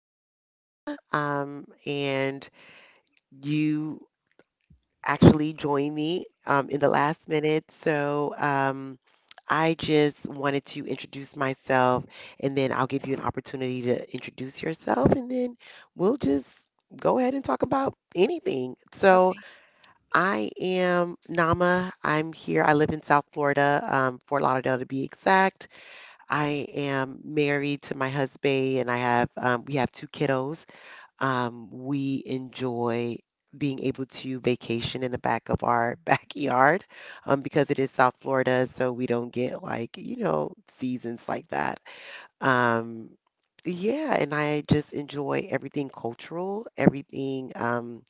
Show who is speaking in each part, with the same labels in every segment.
Speaker 1: is Nama, and you actually joined me in the last minute. So I just wanted to introduce myself, and then I'll give you an opportunity to introduce yourself, and then we'll just go ahead and talk about anything. So
Speaker 2: Okay,
Speaker 1: I am Nama. I'm here. I live in South Florida, Fort Lauderdale to be exact. I am married to my husband and I have we have two kiddos. We enjoy being able to vacation in the back of our backyard because it is South Florida, so we don't get like, you know, seasons like that. Um, yeah, and I just enjoy everything cultural, everything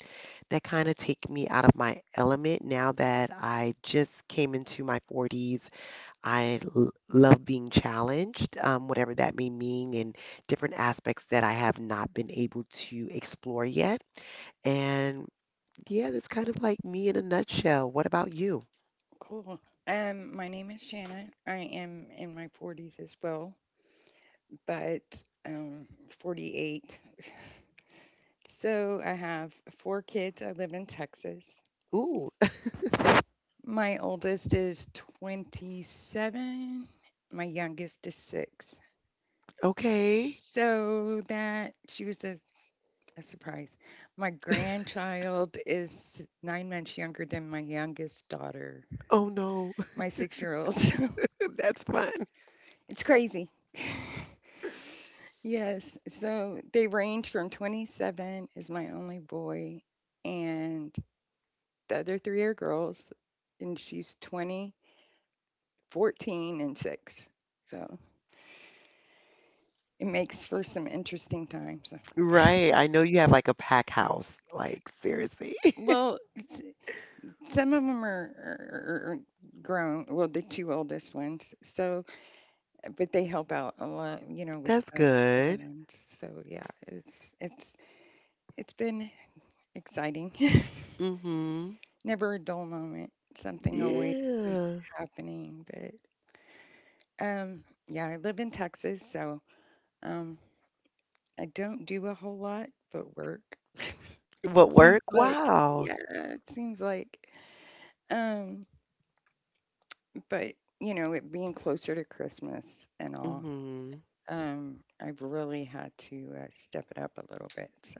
Speaker 1: that kind of take me out of my element now that I just came into my 40s. I love being challenged, whatever that may mean, in different aspects that I have not been able to explore yet. And yeah, that's kind of like me in a nutshell. What about you?
Speaker 2: cool. My name is Shannon. I am in my 40s as well, but 48. So I have four kids. I live in Texas.
Speaker 1: Ooh,
Speaker 2: My oldest is 27. My youngest is six.
Speaker 1: okay.
Speaker 2: So that she was a surprise. My grandchild is 9 months younger than my youngest daughter,
Speaker 1: Oh no,
Speaker 2: my 6 year old.
Speaker 1: that's fun.
Speaker 2: It's crazy. Yes, so they range from 27 is my only boy, and the other three are girls, and she's 20, 14, and 6. So it makes for some interesting times.
Speaker 1: Right. I know you have like a pack house. Like, seriously.
Speaker 2: Well, it's, some of them are grown, well, the two oldest ones. So, but they help out a lot, you know, with
Speaker 1: That's
Speaker 2: the little
Speaker 1: good.
Speaker 2: ones. So yeah, it's been exciting.
Speaker 1: Mm-hmm.
Speaker 2: Never a dull moment. Something always is
Speaker 1: Yeah.
Speaker 2: happening. But um, yeah, I live in Texas, so um, I don't do a whole lot but work.
Speaker 1: What
Speaker 2: seems
Speaker 1: work?
Speaker 2: like
Speaker 1: Wow.
Speaker 2: yeah, it seems like, um, but, you know, it being closer to Christmas and all,
Speaker 1: Mm-hmm.
Speaker 2: I've really had to step it up a little bit. So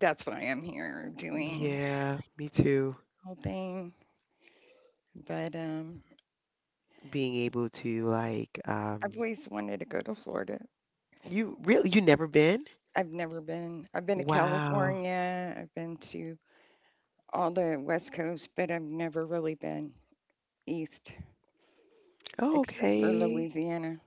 Speaker 2: that's why I'm here doing this
Speaker 1: Yeah, me too.
Speaker 2: whole thing. But
Speaker 1: Being able to like,
Speaker 2: I've always wanted to go to Florida.
Speaker 1: you really you never been?
Speaker 2: I've never been. I've been to
Speaker 1: Wow.
Speaker 2: California. I've been to all the West Coast, but I've never really been east
Speaker 1: Oh,
Speaker 2: except for
Speaker 1: okay.
Speaker 2: Louisiana.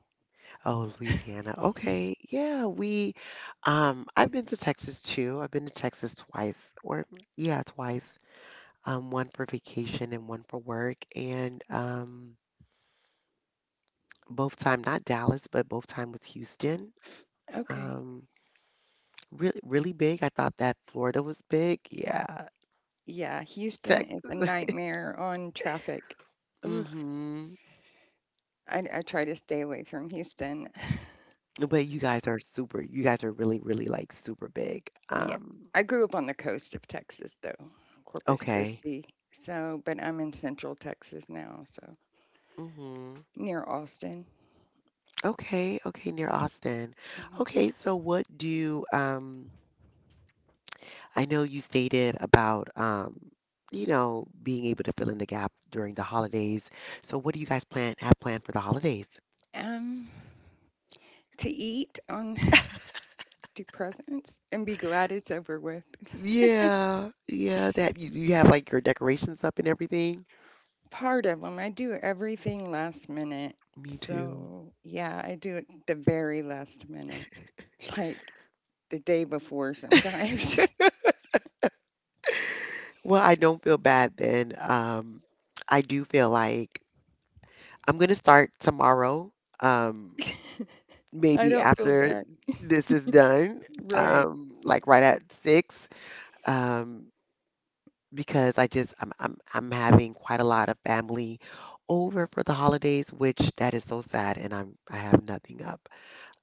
Speaker 1: Oh, Louisiana. Okay. Yeah, we I've been to Texas too. I've been to Texas twice or yeah, twice. One for vacation and one for work, and both time not Dallas, but both time was Houston.
Speaker 2: Okay.
Speaker 1: Um really really big. I thought that Florida was big. Yeah.
Speaker 2: Yeah, Houston is a
Speaker 1: Texas.
Speaker 2: nightmare on traffic. Ugh.
Speaker 1: Mm-hmm.
Speaker 2: I try to stay away from Houston.
Speaker 1: But you guys are really, really like super big.
Speaker 2: Yeah. I grew up on the coast of Texas, though, Corpus
Speaker 1: Okay.
Speaker 2: Christi. So, but I'm in central Texas now, so
Speaker 1: Hmm.
Speaker 2: near Austin.
Speaker 1: Okay, okay, near Austin.
Speaker 2: Mhm.
Speaker 1: Okay, so what do I know you stated about you know being able to fill in the gap during the holidays. So what do you guys plan have planned for the holidays?
Speaker 2: Um, to eat on depressants and be glad it's over with.
Speaker 1: Yeah, yeah, that you have like your decorations up and everything.
Speaker 2: Part of them, I do everything last minute.
Speaker 1: Me too.
Speaker 2: So, yeah, I do it the very last minute, like the day before sometimes.
Speaker 1: Well, I don't feel bad then. I do feel like I'm going to start tomorrow, um,
Speaker 2: I
Speaker 1: maybe
Speaker 2: don't feel
Speaker 1: after
Speaker 2: bad.
Speaker 1: this is done,
Speaker 2: Right.
Speaker 1: like right at six, um, because I just I'm having quite a lot of family over for the holidays, which that is so sad, and I have nothing up.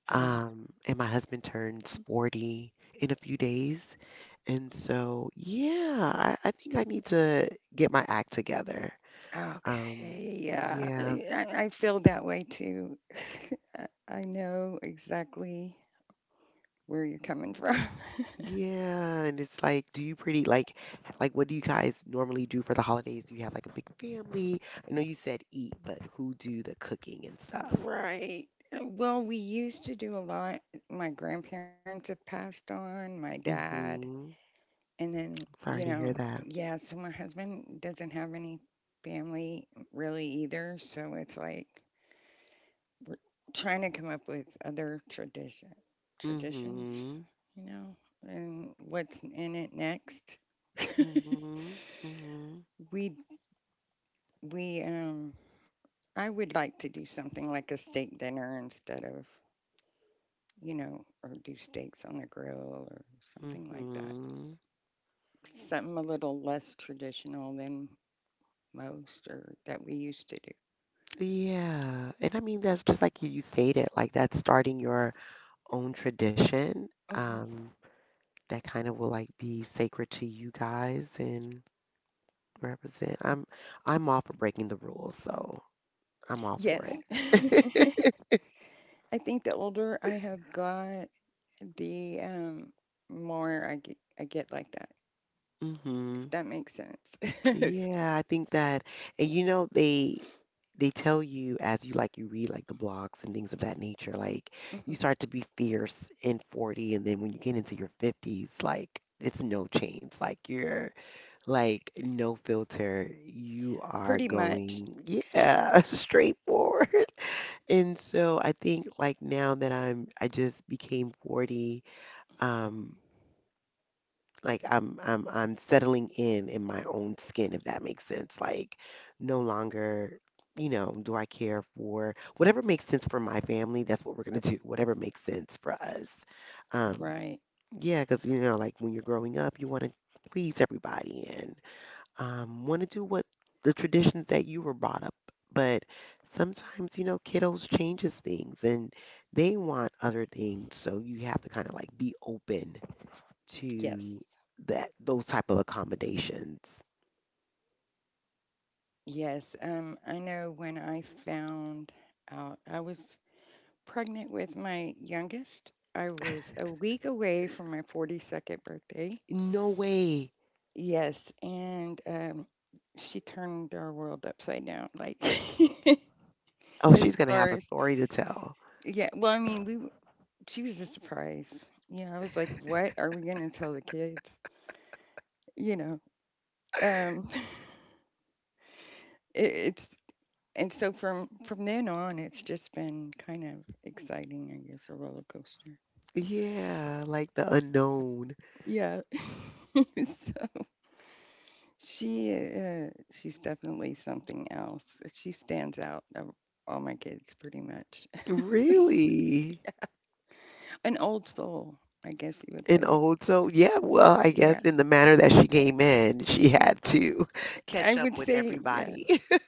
Speaker 2: Uh,
Speaker 1: And my husband turns 40 in a few days, and so yeah, I think I need to get my act together. Um,
Speaker 2: okay. Yeah.
Speaker 1: yeah.
Speaker 2: I feel that way too. I know exactly where you're coming from.
Speaker 1: Yeah, and it's like, do you pretty like like what do you guys normally do for the holidays? Do you have like a big family? I know you said eat, but who do the cooking and stuff?
Speaker 2: Right. Well, we used to do a lot. My grandparents have passed on, my dad,
Speaker 1: Mm-hmm.
Speaker 2: and then,
Speaker 1: Sorry to hear that.
Speaker 2: yeah, so my husband doesn't have any family really either, so it's like we're trying to come up with other traditions,
Speaker 1: Mm-hmm.
Speaker 2: you know, and what's in it next.
Speaker 1: Mm-hmm. Mm-hmm.
Speaker 2: We we I would like to do something like a steak dinner instead of or do steaks on a grill or something like that.
Speaker 1: Mm-hmm.
Speaker 2: Something a little less traditional than most or that we used to do.
Speaker 1: Yeah. And I mean that's just like you stated, like that's starting your own tradition.
Speaker 2: Mhm.
Speaker 1: That kind of will like be sacred to you guys and represent. I'm all for breaking the rules, so I'm all for
Speaker 2: Yes.
Speaker 1: it.
Speaker 2: I think the older I have got, the more I get like that, if
Speaker 1: Hmm.
Speaker 2: that makes sense.
Speaker 1: Yeah, I think that, and you know, they tell you as you like you read like the blogs and things of that nature, like you
Speaker 2: Mhm.
Speaker 1: start to be fierce in 40, and then when you get into your 50s, like it's no chains, like you're like no filter. You are
Speaker 2: Pretty much.
Speaker 1: going, yeah, straightforward. And so I think like now that I just became 40, um, like I'm settling in my own skin, if that makes sense. Like no longer, you know, do I care for whatever makes sense for my family, that's what we're gonna do. Whatever makes sense for us. Um,
Speaker 2: Right.
Speaker 1: yeah, because you know, like when you're growing up, you want to please everybody and want to do what the traditions that you were brought up. But sometimes, you know, kiddos changes things and they want other things, so you have to kind of like be open
Speaker 2: Yes.
Speaker 1: to that those type of accommodations.
Speaker 2: Yes. I know when I found out, I was pregnant with my youngest. I was a week away from my 42nd birthday.
Speaker 1: No way.
Speaker 2: Yes, and she turned our world upside down. Like,
Speaker 1: Oh,
Speaker 2: as
Speaker 1: she's gonna
Speaker 2: far
Speaker 1: have a
Speaker 2: as,
Speaker 1: story to tell.
Speaker 2: yeah, well, I mean, she was a surprise. Yeah, I was like, what are we going to tell the kids? You know. um, it, it's, and so from then on, it's just been kind of exciting, I guess, a roller coaster.
Speaker 1: Yeah, like the unknown.
Speaker 2: Yeah. She's definitely something else. She stands out of all my kids pretty much.
Speaker 1: Really?
Speaker 2: An old soul, I guess you would
Speaker 1: And
Speaker 2: put it.
Speaker 1: old, so yeah, well, I guess
Speaker 2: Yeah.
Speaker 1: in the manner that she came in, she had to
Speaker 2: I
Speaker 1: catch up
Speaker 2: would
Speaker 1: with
Speaker 2: say yeah,
Speaker 1: everybody.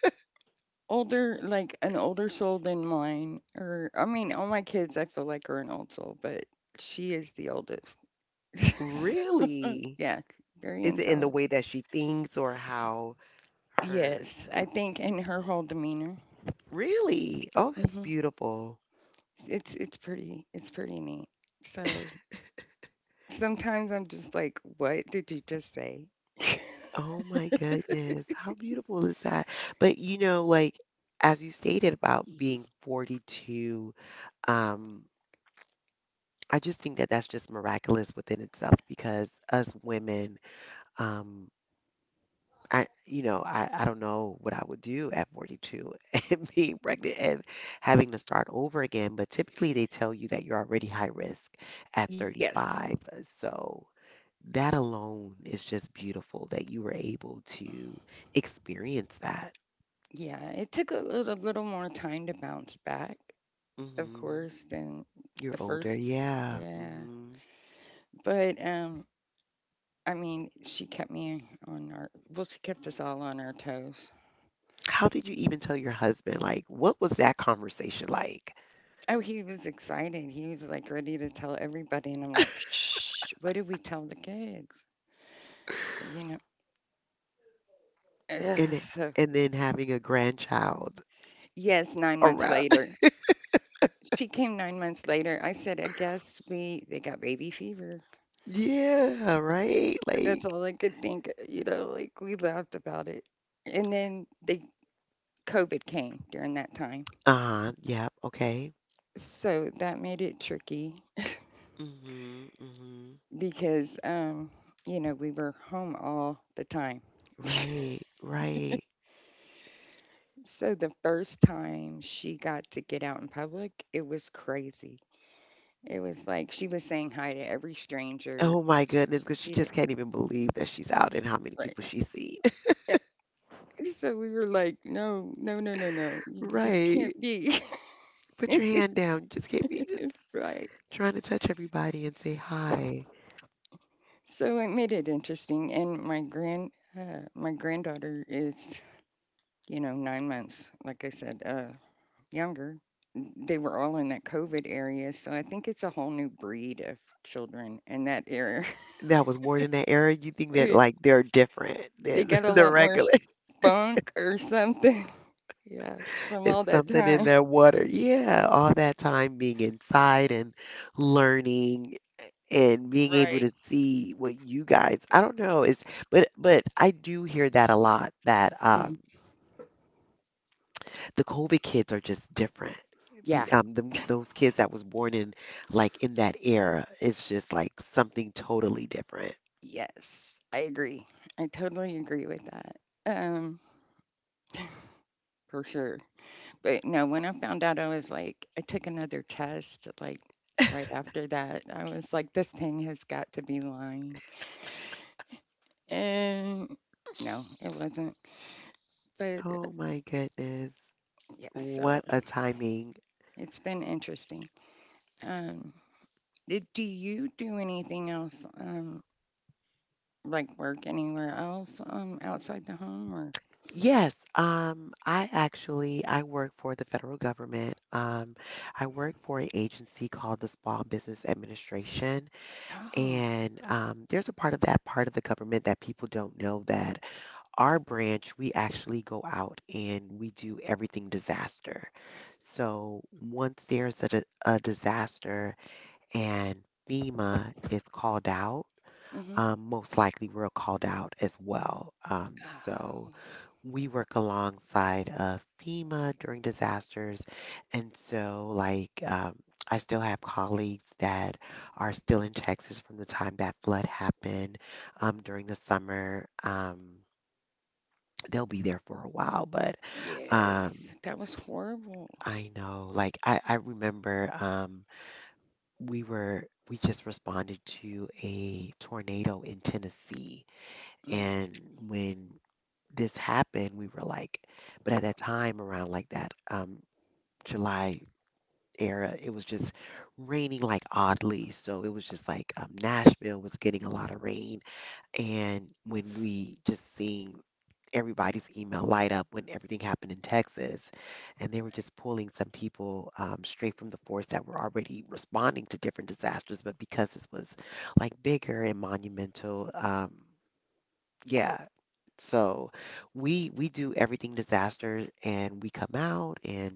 Speaker 2: older like an older soul than mine or I mean all my kids I feel like are an old soul, but she is the oldest. So,
Speaker 1: Really?
Speaker 2: yeah, very
Speaker 1: Is it in the
Speaker 2: intelligent.
Speaker 1: way that she thinks or how her?
Speaker 2: Yes, I think in her whole demeanor.
Speaker 1: Really? Oh, that's
Speaker 2: hmm
Speaker 1: beautiful.
Speaker 2: it's pretty neat. So sometimes I'm just like, what did you just say?
Speaker 1: Oh my goodness, how beautiful is that? But you know, like as you stated about being 42, um, I just think that that's just miraculous within itself because us women, um, I you know, I don't know what I would do at 42 and being pregnant and having to start over again. But typically they tell you that you're already high risk at
Speaker 2: Yes.
Speaker 1: 35. So that alone is just beautiful that you were able to experience that.
Speaker 2: Yeah, it took a little more time to bounce back,
Speaker 1: Mm
Speaker 2: of
Speaker 1: hmm.
Speaker 2: course, than
Speaker 1: You're
Speaker 2: the
Speaker 1: older.
Speaker 2: first.
Speaker 1: Yeah.
Speaker 2: Yeah.
Speaker 1: Hmm.
Speaker 2: But I mean, she kept us all on our toes.
Speaker 1: How did you even tell your husband? Like, what was that conversation like?
Speaker 2: Oh, he was excited. He was like ready to tell everybody and I'm like, "Shh, what did we tell the kids?" You know. Ugh,
Speaker 1: And
Speaker 2: so
Speaker 1: and then having a grandchild
Speaker 2: yes, 9 months
Speaker 1: around.
Speaker 2: later. She came 9 months later. I said, "I guess we they got baby fever."
Speaker 1: Yeah, right?
Speaker 2: That's
Speaker 1: Like,
Speaker 2: all I could think, you know, like we laughed about it. And then they COVID came during that time.
Speaker 1: uh-huh. Yep. Okay.
Speaker 2: So that made it tricky
Speaker 1: Mm hmm, mm hmm.
Speaker 2: because we were home all the time.
Speaker 1: Right. Right.
Speaker 2: So the first time she got to get out in public, it was crazy. It was like she was saying hi to every stranger.
Speaker 1: Oh my goodness, because she
Speaker 2: She did
Speaker 1: just can't even believe that she's out and how many
Speaker 2: like
Speaker 1: people she's seen.
Speaker 2: yeah. So we were like, no, no, no, no, no. You just
Speaker 1: Right.
Speaker 2: can't be
Speaker 1: Put your hand down. You just can't be just
Speaker 2: right.
Speaker 1: trying to touch everybody and say hi.
Speaker 2: So it made it interesting. And my granddaughter is, 9 months, like I said, younger. They were all in that COVID area, so I think it's a whole new breed of children in that era.
Speaker 1: That was born in that era, you think that
Speaker 2: Yeah,
Speaker 1: like they're different
Speaker 2: they
Speaker 1: than
Speaker 2: got a
Speaker 1: the
Speaker 2: lot more
Speaker 1: regular.
Speaker 2: spunk or something. Yeah, from
Speaker 1: It's
Speaker 2: all that
Speaker 1: something in
Speaker 2: time.
Speaker 1: their water. Yeah, all that time being inside and learning and being
Speaker 2: Right.
Speaker 1: able to see what you guys, I don't know, is but I do hear that a lot that
Speaker 2: Mhm.
Speaker 1: the COVID kids are just different.
Speaker 2: Yeah,
Speaker 1: Those kids that was born in like in that era, it's just like something totally different.
Speaker 2: yes, I agree. I totally agree with that. Um, for sure. But no, when I found out, I was like, I took another test like right after that. I was like, this thing has got to be lying. And no, it wasn't. But
Speaker 1: Oh my goodness.
Speaker 2: yeah, so
Speaker 1: What a timing.
Speaker 2: it's been interesting. Um, do you do anything else, like work anywhere else outside the home or?
Speaker 1: Yes, I actually I work for the federal government. I work for an agency called the Small Business Administration,
Speaker 2: Oh.
Speaker 1: and there's a part of that part of the government that people don't know that our branch we actually go out and we do everything disaster. So once there's a disaster and FEMA is called out,
Speaker 2: hmm
Speaker 1: most likely we're called out as well. So
Speaker 2: oh,
Speaker 1: we work alongside of FEMA during disasters. And so, like, I still have colleagues that are still in Texas from the time that flood happened during the summer. They'll be there for a while, but um,
Speaker 2: yes, that was
Speaker 1: s-
Speaker 2: horrible.
Speaker 1: I know, like, I remember we were, we just responded to a tornado in Tennessee.
Speaker 2: Mm,
Speaker 1: And when this happened, we were like, but at that time around like that July era, it was just raining like oddly. So it was just like Nashville was getting a lot of rain. And when we just seen everybody's email light up when everything happened in Texas, and they were
Speaker 2: right.
Speaker 1: just pulling some people straight from the force that were already responding to different disasters, but because this was like bigger and monumental. Yeah, so we do everything disaster and we come out and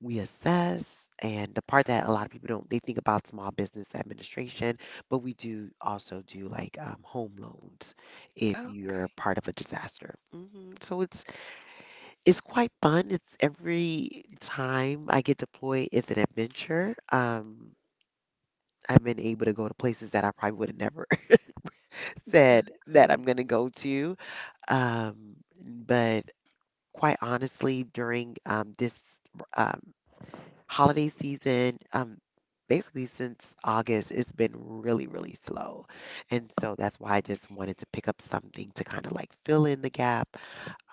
Speaker 1: we assess and the part that a lot of people don't they think about small business administration, but we do also do like home loans if
Speaker 2: Yeah.
Speaker 1: you're
Speaker 2: Okay,
Speaker 1: part of a disaster. Hmm. So it's quite fun. It's every time I get deployed, it's an adventure. I've been able to go to places that I probably would have never said that I'm
Speaker 2: exactly.
Speaker 1: gonna go to. Um, but quite honestly, during this um, holiday season, basically since August, it's been really, really slow. And so that's why I just wanted to pick up something to kind of like fill in the gap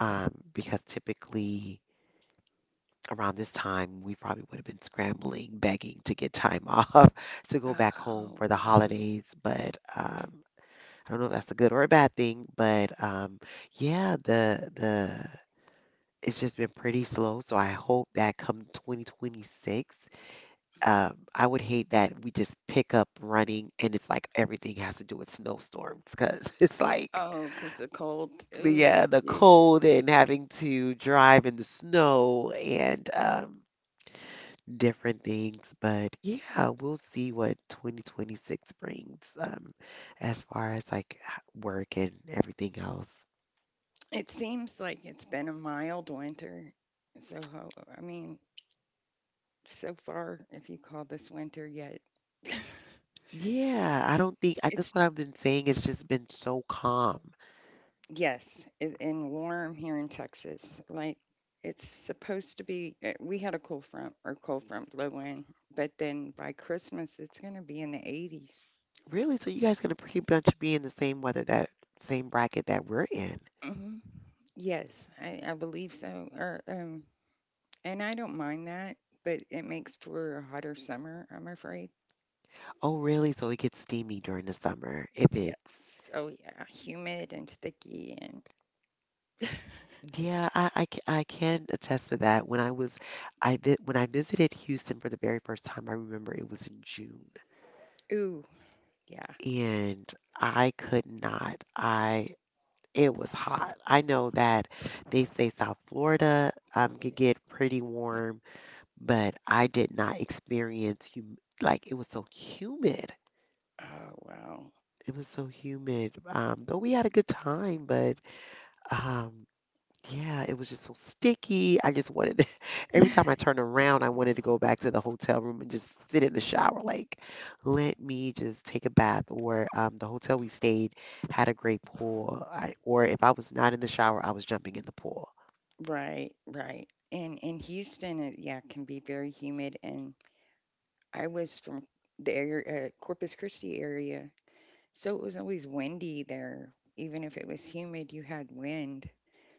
Speaker 1: because typically around this time, we probably would have been scrambling, begging to get time off to go back home
Speaker 2: Oh,
Speaker 1: for the
Speaker 2: wow.
Speaker 1: holidays. But I don't know if that's a good or a bad thing, but yeah, the it's just been pretty slow. So I hope that come 2026, I would hate that we just pick up running and it's like everything has to do with snowstorms because it's like
Speaker 2: Oh, 'cause the cold.
Speaker 1: the
Speaker 2: Ooh,
Speaker 1: yeah the
Speaker 2: ew.
Speaker 1: cold and having to drive in the snow and different things. But yeah, we'll see what 2026 brings as far as like work and everything else.
Speaker 2: It seems like it's been a mild winter. So, I mean, so far, if you call this winter yet,
Speaker 1: Yeah, I don't think
Speaker 2: it's,
Speaker 1: that's what I've been saying. It's just been so calm.
Speaker 2: yes, it, and warm here in Texas. Like, it's supposed to be, we had a cold front blow in, but then by Christmas, it's going to be in the 80s.
Speaker 1: Really? So you guys gonna pretty much be in the same weather that same bracket that we're in.
Speaker 2: hmm Yes, I believe so. And I don't mind that, but it makes for a hotter summer, I'm afraid.
Speaker 1: Oh, really? So it gets steamy during the summer if it's
Speaker 2: Yes. Oh, yeah. Humid and sticky and
Speaker 1: yeah, I can attest to that. When I was I vi when I visited Houston for the very first time, I remember it was in June
Speaker 2: ooh, yeah.
Speaker 1: and I could not. I it was hot. I know that they say South Florida can get pretty warm, but I did not experience hum like it was so humid.
Speaker 2: Oh, wow.
Speaker 1: It was so humid. Though we had a good time. But um, yeah, it was just so sticky. I just wanted to, every time I turned around, I wanted to go back to the hotel room and just sit in the shower. Like, let me just take a bath. Or the hotel we stayed had a great pool. I, or if I was not in the shower, I was jumping in the pool.
Speaker 2: Right, right. And in Houston, it, yeah, can be very humid. And I was from the area, Corpus Christi area, so it was always windy there. Even if it was humid, you had wind.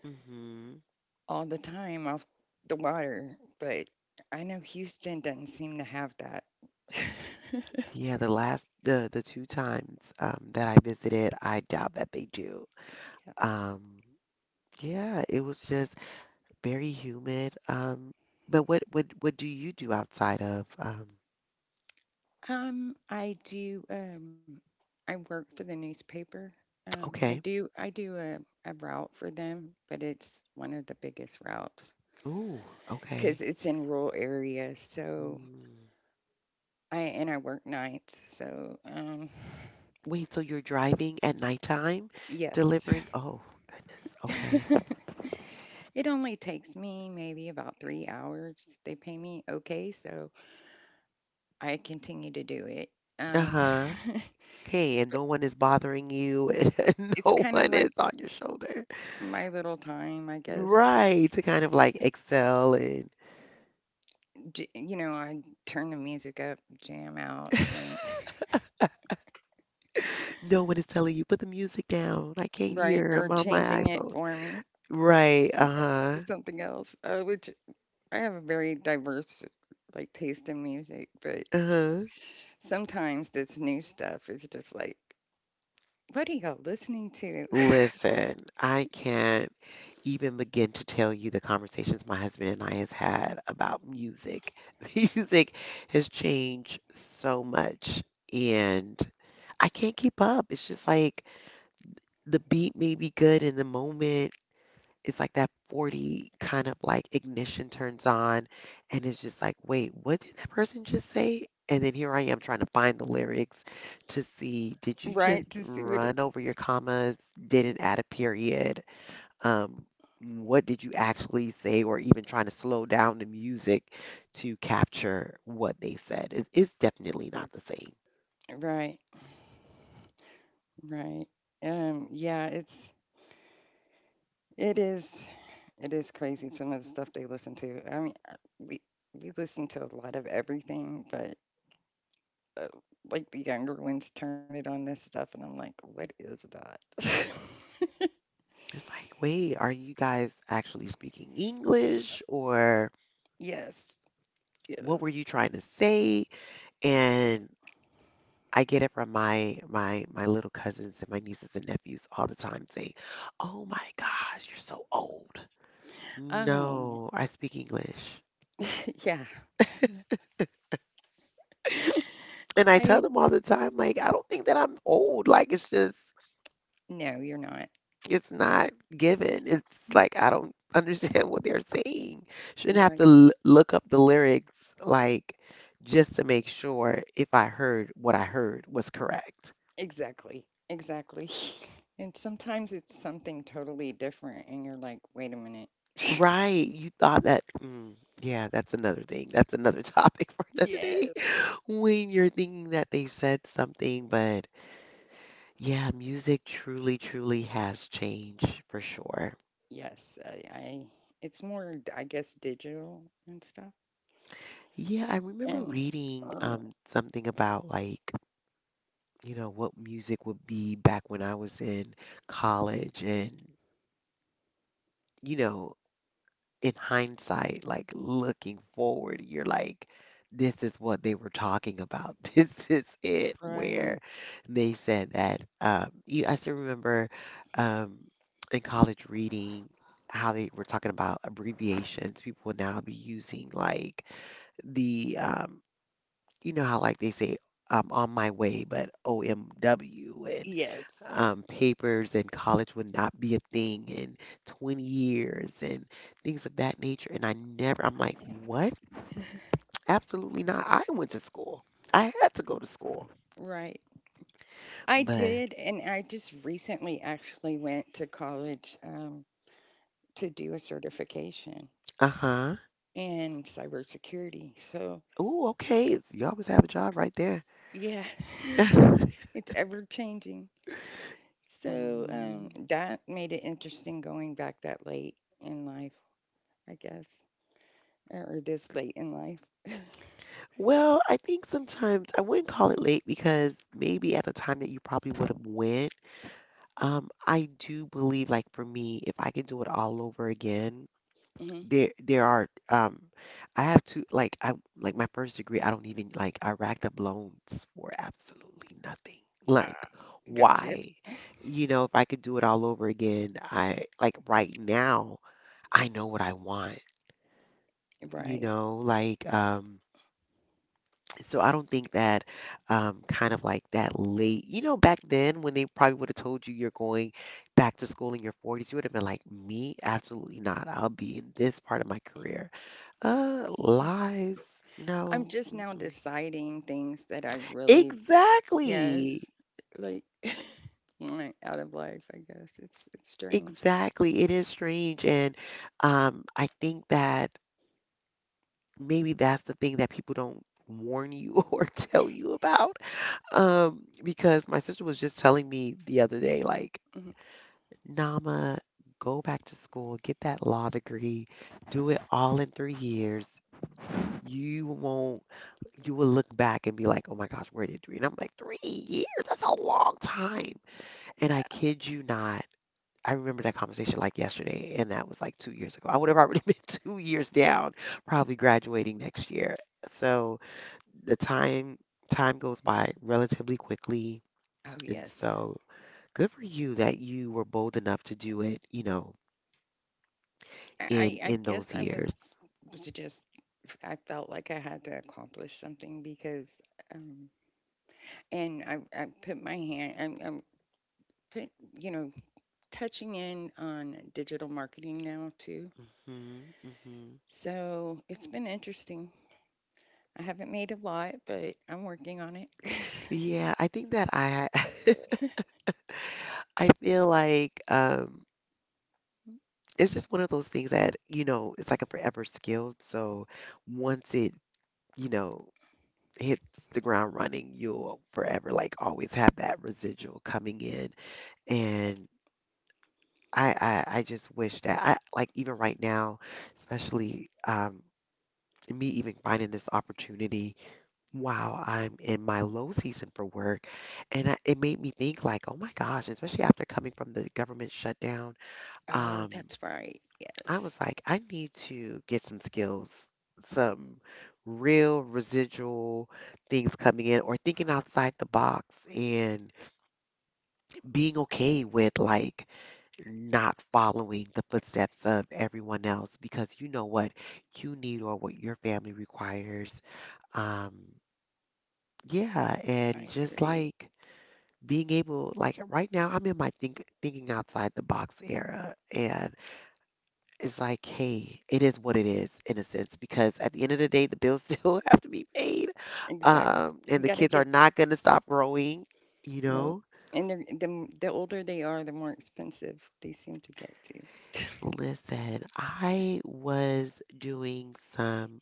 Speaker 1: hmm
Speaker 2: All the time off the water, but I know Houston doesn't seem to have that. Yeah.
Speaker 1: Yeah, the last the two times that I visited, I doubt that they do. Um, yeah, it was just very humid. But what do you do outside of
Speaker 2: I do. I work for the newspaper. I
Speaker 1: okay.
Speaker 2: do. I do a route for them, but it's one of the biggest routes
Speaker 1: Ooh, okay.
Speaker 2: because it's in rural areas. So
Speaker 1: Mm.
Speaker 2: I work nights. So
Speaker 1: Wait, so you're driving at nighttime
Speaker 2: yes.
Speaker 1: delivering? Oh, goodness. Okay.
Speaker 2: It only takes me maybe about 3 hours. They pay me okay, so I continue to do it. Um,
Speaker 1: Uh-huh. Hey, and no one is bothering you and
Speaker 2: it's
Speaker 1: no
Speaker 2: kind of
Speaker 1: one
Speaker 2: like
Speaker 1: is on your shoulder.
Speaker 2: my little time, I guess.
Speaker 1: Right, to kind of like excel. And
Speaker 2: I turn the music up, jam out, and
Speaker 1: no one is telling you, put the music down. I can't
Speaker 2: right,
Speaker 1: hear.
Speaker 2: or
Speaker 1: I'm on my
Speaker 2: changing it
Speaker 1: iPhone.
Speaker 2: for me,
Speaker 1: Right.
Speaker 2: you know, to
Speaker 1: Uh-huh.
Speaker 2: something else. Which I have a very diverse like taste in music, but
Speaker 1: Uh-huh.
Speaker 2: sometimes this new stuff is just like, what are y'all listening to?
Speaker 1: Listen, I can't even begin to tell you the conversations my husband and I has had about music. Music has changed so much, and I can't keep up. It's just like the beat may be good in the moment. It's like that 40 kind of like ignition turns on, and it's just like, wait, what did that person just say? And then here I am trying to find the lyrics to see, did you just
Speaker 2: Right, to see what
Speaker 1: run
Speaker 2: it's.
Speaker 1: over your commas, didn't add a period, um what did you actually say? Or even trying to slow down the music to capture what they said. It's definitely not the same.
Speaker 2: Right, right. Yeah, it is It is crazy some of the stuff they listen to. I mean, we listen to a lot of everything, but uh, like the younger ones turn it on this stuff, and I'm like, what is that?
Speaker 1: It's like, wait, are you guys actually speaking English? Or
Speaker 2: Yes,
Speaker 1: what
Speaker 2: yes.
Speaker 1: were you trying to say? And I get it from my little cousins and my nieces and nephews all the time saying, "Oh my gosh, you're so old."
Speaker 2: Um,
Speaker 1: No, I speak English.
Speaker 2: yeah.
Speaker 1: And I tell
Speaker 2: I
Speaker 1: them all the time, like, I don't think that I'm old. Like, it's just,
Speaker 2: No, you're not
Speaker 1: it's not given. It's like, I don't understand what they're saying. Shouldn't have
Speaker 2: right.
Speaker 1: to l look up the lyrics, like, just to make sure if I heard what I heard was correct.
Speaker 2: Exactly, exactly. And sometimes it's something totally different, and you're like, wait a minute.
Speaker 1: Right. You thought that, mm, yeah, that's another thing. That's another topic for another
Speaker 2: Yes,
Speaker 1: day. When you're thinking that they said something, but yeah, music truly, truly has changed for sure.
Speaker 2: yes. I. It's more, I guess, digital and stuff.
Speaker 1: Yeah, I remember
Speaker 2: And
Speaker 1: reading
Speaker 2: uh,
Speaker 1: something about like, you know, what music would be back when I was in college. And you know, in hindsight, like looking forward, you're like, this is what they were talking about. This is it, where
Speaker 2: right.
Speaker 1: they said that. You, I still remember um, in college reading how they were talking about abbreviations. People would now be using like the you know how like they say I'm on my way, but OMW. and
Speaker 2: Yes.
Speaker 1: um, papers and college would not be a thing in 20 years and things of that nature. And I never, I'm like, what? Absolutely not. I went to school. I had to go to school.
Speaker 2: Right. I
Speaker 1: But,
Speaker 2: did, and I just recently actually went to college to do a certification
Speaker 1: uh-huh.
Speaker 2: in cybersecurity. So,
Speaker 1: Oh, okay. It's- you always have a job right there.
Speaker 2: yeah, it's ever changing. So,
Speaker 1: Mm.
Speaker 2: that made it interesting going back that late in life, I guess, or this late in life.
Speaker 1: Well, I think sometimes I wouldn't call it late, because maybe at the time that you probably would have went. I do believe, like for me, if I could do it all over again,
Speaker 2: hmm
Speaker 1: there are I have to like I like my first degree. I don't even like I racked up loans for absolutely nothing. Like,
Speaker 2: Ah, gotcha.
Speaker 1: why? You know, if I could do it all over again, I like right now I know what I want. You
Speaker 2: Right.
Speaker 1: know, like. So I don't think that kind of like that late, you know, back then when they probably would have told you you're going back to school in your 40s, you would have been like, me? Absolutely not. I'll be in this part of my career. Lies.
Speaker 2: I'm
Speaker 1: No.
Speaker 2: just now
Speaker 1: Mm-mm.
Speaker 2: deciding things that I really.
Speaker 1: Exactly.
Speaker 2: Yes, like out of life, I guess. It's strange.
Speaker 1: Exactly. It is strange. And I think that maybe that's the thing that people don't warn you or tell you about. Because my sister was just telling me the other day, like,
Speaker 2: Mhm.
Speaker 1: Nama, go back to school, get that law degree, do it all in 3 years. You won't, you will look back and be like, oh my gosh, where did three? And I'm like, 3 years? That's a long time. And
Speaker 2: Yeah.
Speaker 1: I kid you not, I remember that conversation like yesterday, and that was like 2 years ago. I would have already been 2 years down, probably graduating next year. So the time time goes by relatively quickly.
Speaker 2: Oh
Speaker 1: And
Speaker 2: yes.
Speaker 1: so good for you that you were bold enough to do it, you know,
Speaker 2: I
Speaker 1: in
Speaker 2: I guess
Speaker 1: those
Speaker 2: I
Speaker 1: years.
Speaker 2: was just I felt like I had to accomplish something because um and I put my hand I'm put touching in on digital marketing now too.
Speaker 1: hmm hmm
Speaker 2: So it's been interesting. I haven't made a lot, but I'm working on it.
Speaker 1: Yeah, I think that I I feel like it's just one of those things that, you know, it's like a forever skill. So once it, you know, hits the ground running, you'll forever like always have that residual coming in. And I I just wish that I like even right now, especially me even finding this opportunity while I'm in my low season for work. And I, it made me think like, oh my gosh, especially after coming from the government shutdown,
Speaker 2: Oh,
Speaker 1: um,
Speaker 2: that's right.
Speaker 1: I
Speaker 2: Yes,
Speaker 1: was like, I need to get some skills, some real residual things coming in, or thinking outside the box and being okay with like not following the footsteps of everyone else, because you know what you need or what your family requires. Um, yeah,
Speaker 2: I
Speaker 1: and just
Speaker 2: agree.
Speaker 1: like being able like right now I'm in my thinking outside the box era. And it's like, hey, it is what it is, in a sense, because at the end of the day the bills still have to be paid
Speaker 2: Exactly.
Speaker 1: um And
Speaker 2: You
Speaker 1: the
Speaker 2: gotta
Speaker 1: kids are
Speaker 2: get
Speaker 1: not going to stop growing, you
Speaker 2: no.
Speaker 1: know.
Speaker 2: And they're the older they are, the more expensive they seem to get too.
Speaker 1: Listen, I was doing some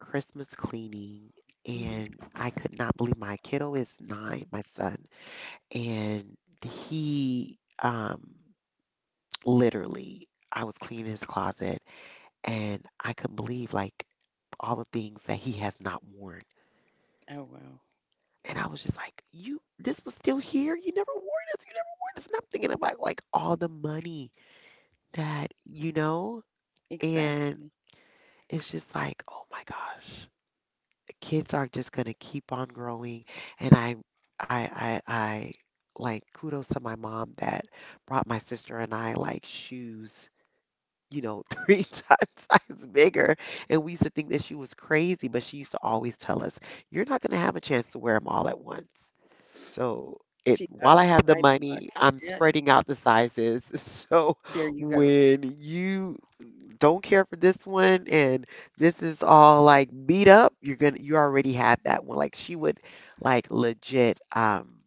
Speaker 1: Christmas cleaning,
Speaker 2: hmm
Speaker 1: and I could not believe my kiddo is 9, my son. And He literally, I was cleaning his closet, and I couldn't believe like all the things that he has not worn.
Speaker 2: Oh wow.
Speaker 1: And I was just like, "You, this was still here. You never wore this. You never wore this." And I'm thinking about like all the money that, you know, and
Speaker 2: Exactly.
Speaker 1: it's just like, oh my gosh, kids are just gonna keep on growing. And I like kudos to my mom that brought my sister and I like shoes, you know, three times bigger. And we used to think that she was crazy, but she used to always tell us, you're not going to have a chance to wear them all at once. So, it,
Speaker 2: She got
Speaker 1: while I have the
Speaker 2: outside the
Speaker 1: money,
Speaker 2: box.
Speaker 1: I'm
Speaker 2: Yeah.
Speaker 1: spreading out the sizes. So
Speaker 2: There you go.
Speaker 1: when you don't care for this one and this is all like beat up, you're gonna you already have that one. Like she would like legit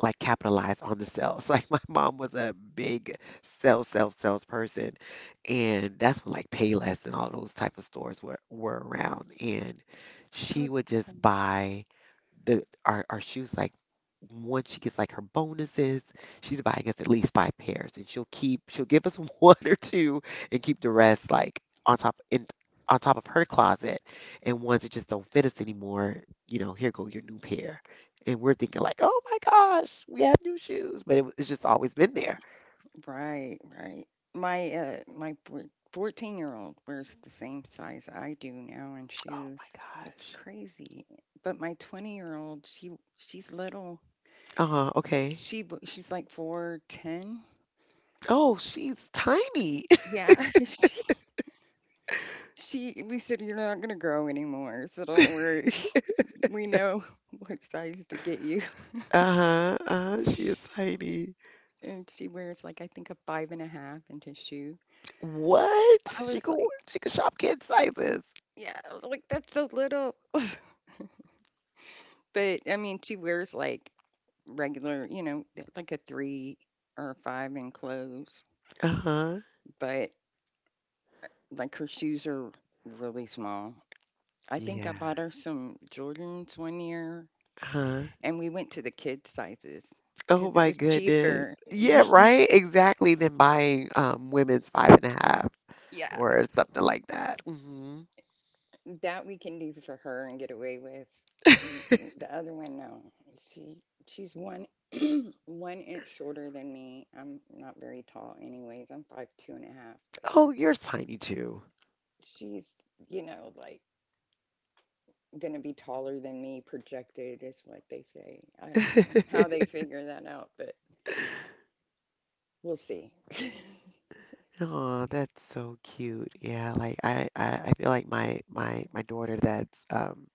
Speaker 1: like capitalize on the sales. Like my mom was a big sales, sales, sales person, and that's when like Payless and all those type of stores were around. And she
Speaker 2: Oh,
Speaker 1: would
Speaker 2: that's
Speaker 1: just
Speaker 2: funny.
Speaker 1: buy the our shoes like once she gets like her bonuses, she's buying us at least 5 pairs, and she'll give us one or two and keep the rest like on top in on top of her closet. And ones that just don't fit us anymore, you know, here go your new pair. And we're thinking like, "Oh my gosh, we have new shoes," but it's just always been there.
Speaker 2: Right, right. My 14 year old wears the same size I do now in
Speaker 1: Oh
Speaker 2: shoes.
Speaker 1: my
Speaker 2: So it's
Speaker 1: gosh.
Speaker 2: crazy. But my 20 year old, she's little.
Speaker 1: Uh-huh, okay.
Speaker 2: She's like 4'10".
Speaker 1: Oh, she's tiny.
Speaker 2: Yeah, she we said, "You're not gonna grow anymore, so don't worry. We know what size to get you."
Speaker 1: Uh-huh, she is tiny.
Speaker 2: And she wears like I think a 5.5 inch shoe.
Speaker 1: What?
Speaker 2: I
Speaker 1: She
Speaker 2: was
Speaker 1: could
Speaker 2: like,
Speaker 1: she could shop kid sizes.
Speaker 2: "Yeah," I was like, "That's so little." But she wears like regular, like a three or a five in clothes,
Speaker 1: Uh-huh.
Speaker 2: but like her shoes are really small. I think
Speaker 1: Yeah.
Speaker 2: I bought her some Jordans one year
Speaker 1: huh
Speaker 2: and we went to the kids' sizes
Speaker 1: Oh
Speaker 2: because it
Speaker 1: my
Speaker 2: was
Speaker 1: goodness.
Speaker 2: cheaper.
Speaker 1: Yeah, right? Exactly. Than buying, women's 5 and a half
Speaker 2: Yeah, so
Speaker 1: or something like that. Mhm.
Speaker 2: that we can do for her and get away with. The other one, no. She she's one one inch shorter than me. I'm not very tall, anyways. I'm 5'2" and a half, but
Speaker 1: "Oh, you're tiny too."
Speaker 2: she's you know like gonna be taller than me projected is what they say. I don't know how they figure that out, but we'll see. Yeah,
Speaker 1: Oh, that's so cute. Yeah, like I feel like my daughter that's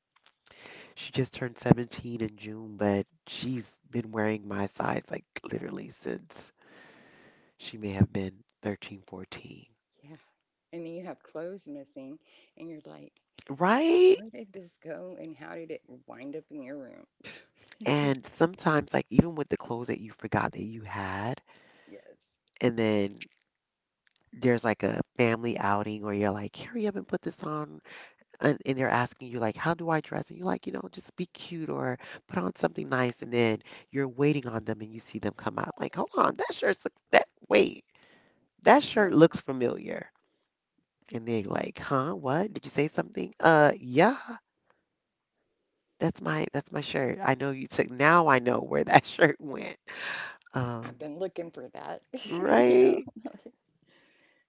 Speaker 1: she just turned 17 in June, but she's been wearing my size like literally since she may have been 13, 14.
Speaker 2: and then you have clothes missing, and you're like,
Speaker 1: Right?
Speaker 2: where did this go, and how did it wind up in your room?
Speaker 1: And sometimes like even with the clothes that you forgot that you had,
Speaker 2: Yes.
Speaker 1: and then there's like a family outing or you're like, hurry up and put this on. And they're asking you like, how do I dress? And you're like, you know, just be cute or put on something nice. And then you're waiting on them and you see them come out like, hold on, that shirt's that, wait, that
Speaker 2: Right.
Speaker 1: shirt looks familiar. And they like, huh, what did you say something? Uh, yeah, that's my shirt. I know you took, now I know where that shirt went.
Speaker 2: I've
Speaker 1: um
Speaker 2: been looking for that, you know.
Speaker 1: right.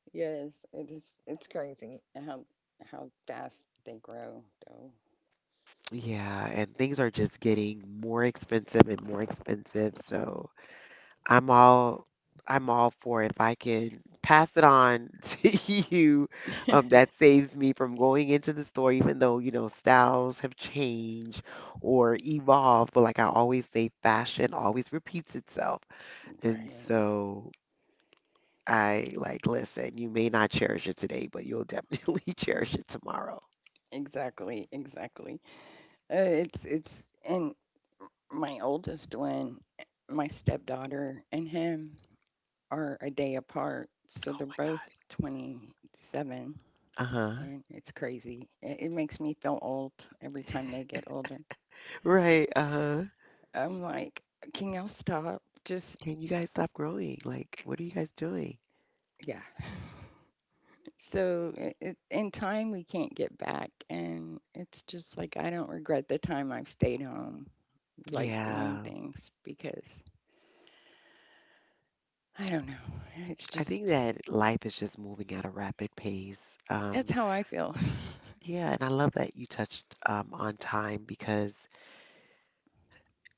Speaker 2: Yes, it is. It's crazy how how fast they grow, though.
Speaker 1: Yeah, and things are just getting more expensive and more expensive. So I'm all I'm all for it. If I can pass it on to you, that saves me from going into the store, even though, you know, styles have changed or evolved. But like I always say, fashion always repeats itself. And
Speaker 2: Right.
Speaker 1: so I like, listen, you may not cherish it today, but you'll definitely cherish it tomorrow.
Speaker 2: Exactly. Exactly. It's and my oldest one, my stepdaughter and him are a day apart, so
Speaker 1: Oh
Speaker 2: they're
Speaker 1: my God.
Speaker 2: both 27,
Speaker 1: Uh-huh.
Speaker 2: and it's crazy. It makes me feel old every time they get older.
Speaker 1: Right. Uh-huh.
Speaker 2: I'm like, can y'all stop? Just
Speaker 1: Can you guys stop growing? Like, what are you guys doing?
Speaker 2: yeah. So in time, we can't get back. And it's just like, I don't regret the time I've stayed home, like doing
Speaker 1: Yeah.
Speaker 2: things because I don't know. It's
Speaker 1: I think
Speaker 2: just,
Speaker 1: that life is just moving at a rapid pace.
Speaker 2: that's
Speaker 1: Um,
Speaker 2: how I feel.
Speaker 1: yeah, and I love that you touched on time because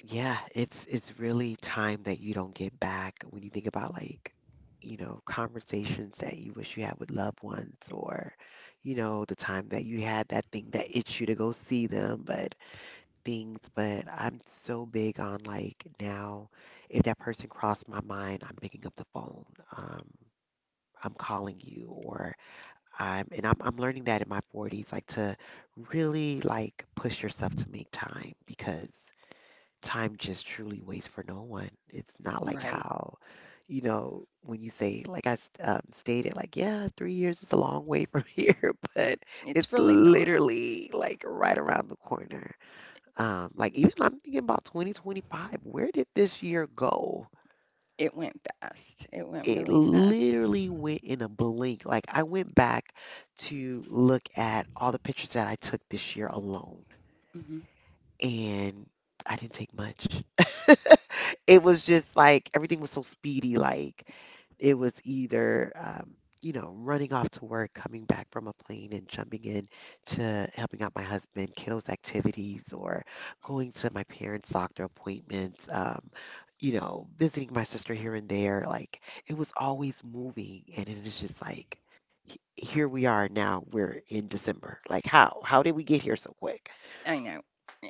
Speaker 1: yeah, it's really time that you don't get back when you think about like, you know, conversations that you wish you had with loved ones or, you know, the time that you had that thing that itched you to go see them, but things, but I'm so big on like now, if that person crossed my mind, I'm picking up the phone. Um, I'm calling you or I'm and I'm I'm learning that in my 40s, like to really like push yourself to make time because time just truly waits for no one. It's not like
Speaker 2: Right.
Speaker 1: how, you know, when you say like stated, like yeah, 3 years is a long way from here, but
Speaker 2: It's
Speaker 1: it's
Speaker 2: really not.
Speaker 1: literally like right around the corner. Like even I'm thinking about 2025. Where did this year go?
Speaker 2: It went fast. It went
Speaker 1: It
Speaker 2: really fast.
Speaker 1: literally went in a blink. Like I went back to look at all the pictures that I took this year alone,
Speaker 2: Hmm.
Speaker 1: and I didn't take much. It was just like everything was so speedy. Like it was either, you know, running off to work, coming back from a plane, and jumping in to helping out my husband, kiddos' activities, or going to my parents' doctor appointments, you know, visiting my sister here and there. Like, it was always moving. And it is just like, here we are now, we're in December. Like, how? How did we get here so quick?
Speaker 2: I know.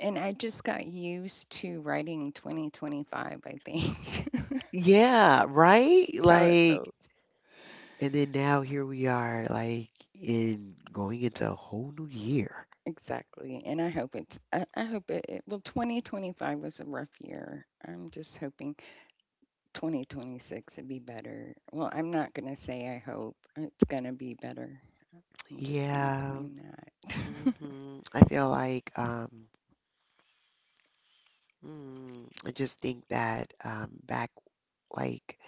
Speaker 2: And I just got used to writing 2025, I think.
Speaker 1: Yeah, right?
Speaker 2: That's how it
Speaker 1: Like,
Speaker 2: feels.
Speaker 1: and then now here we are, like, in going into a whole new year.
Speaker 2: Exactly. And I hope it's, I hope 2025 was a rough year. I'm just hoping 2026 would be better. Well, I'm not going to say I hope. It's going to be better. I'm just going to
Speaker 1: Yeah.
Speaker 2: claim that.
Speaker 1: I feel like I just think that back like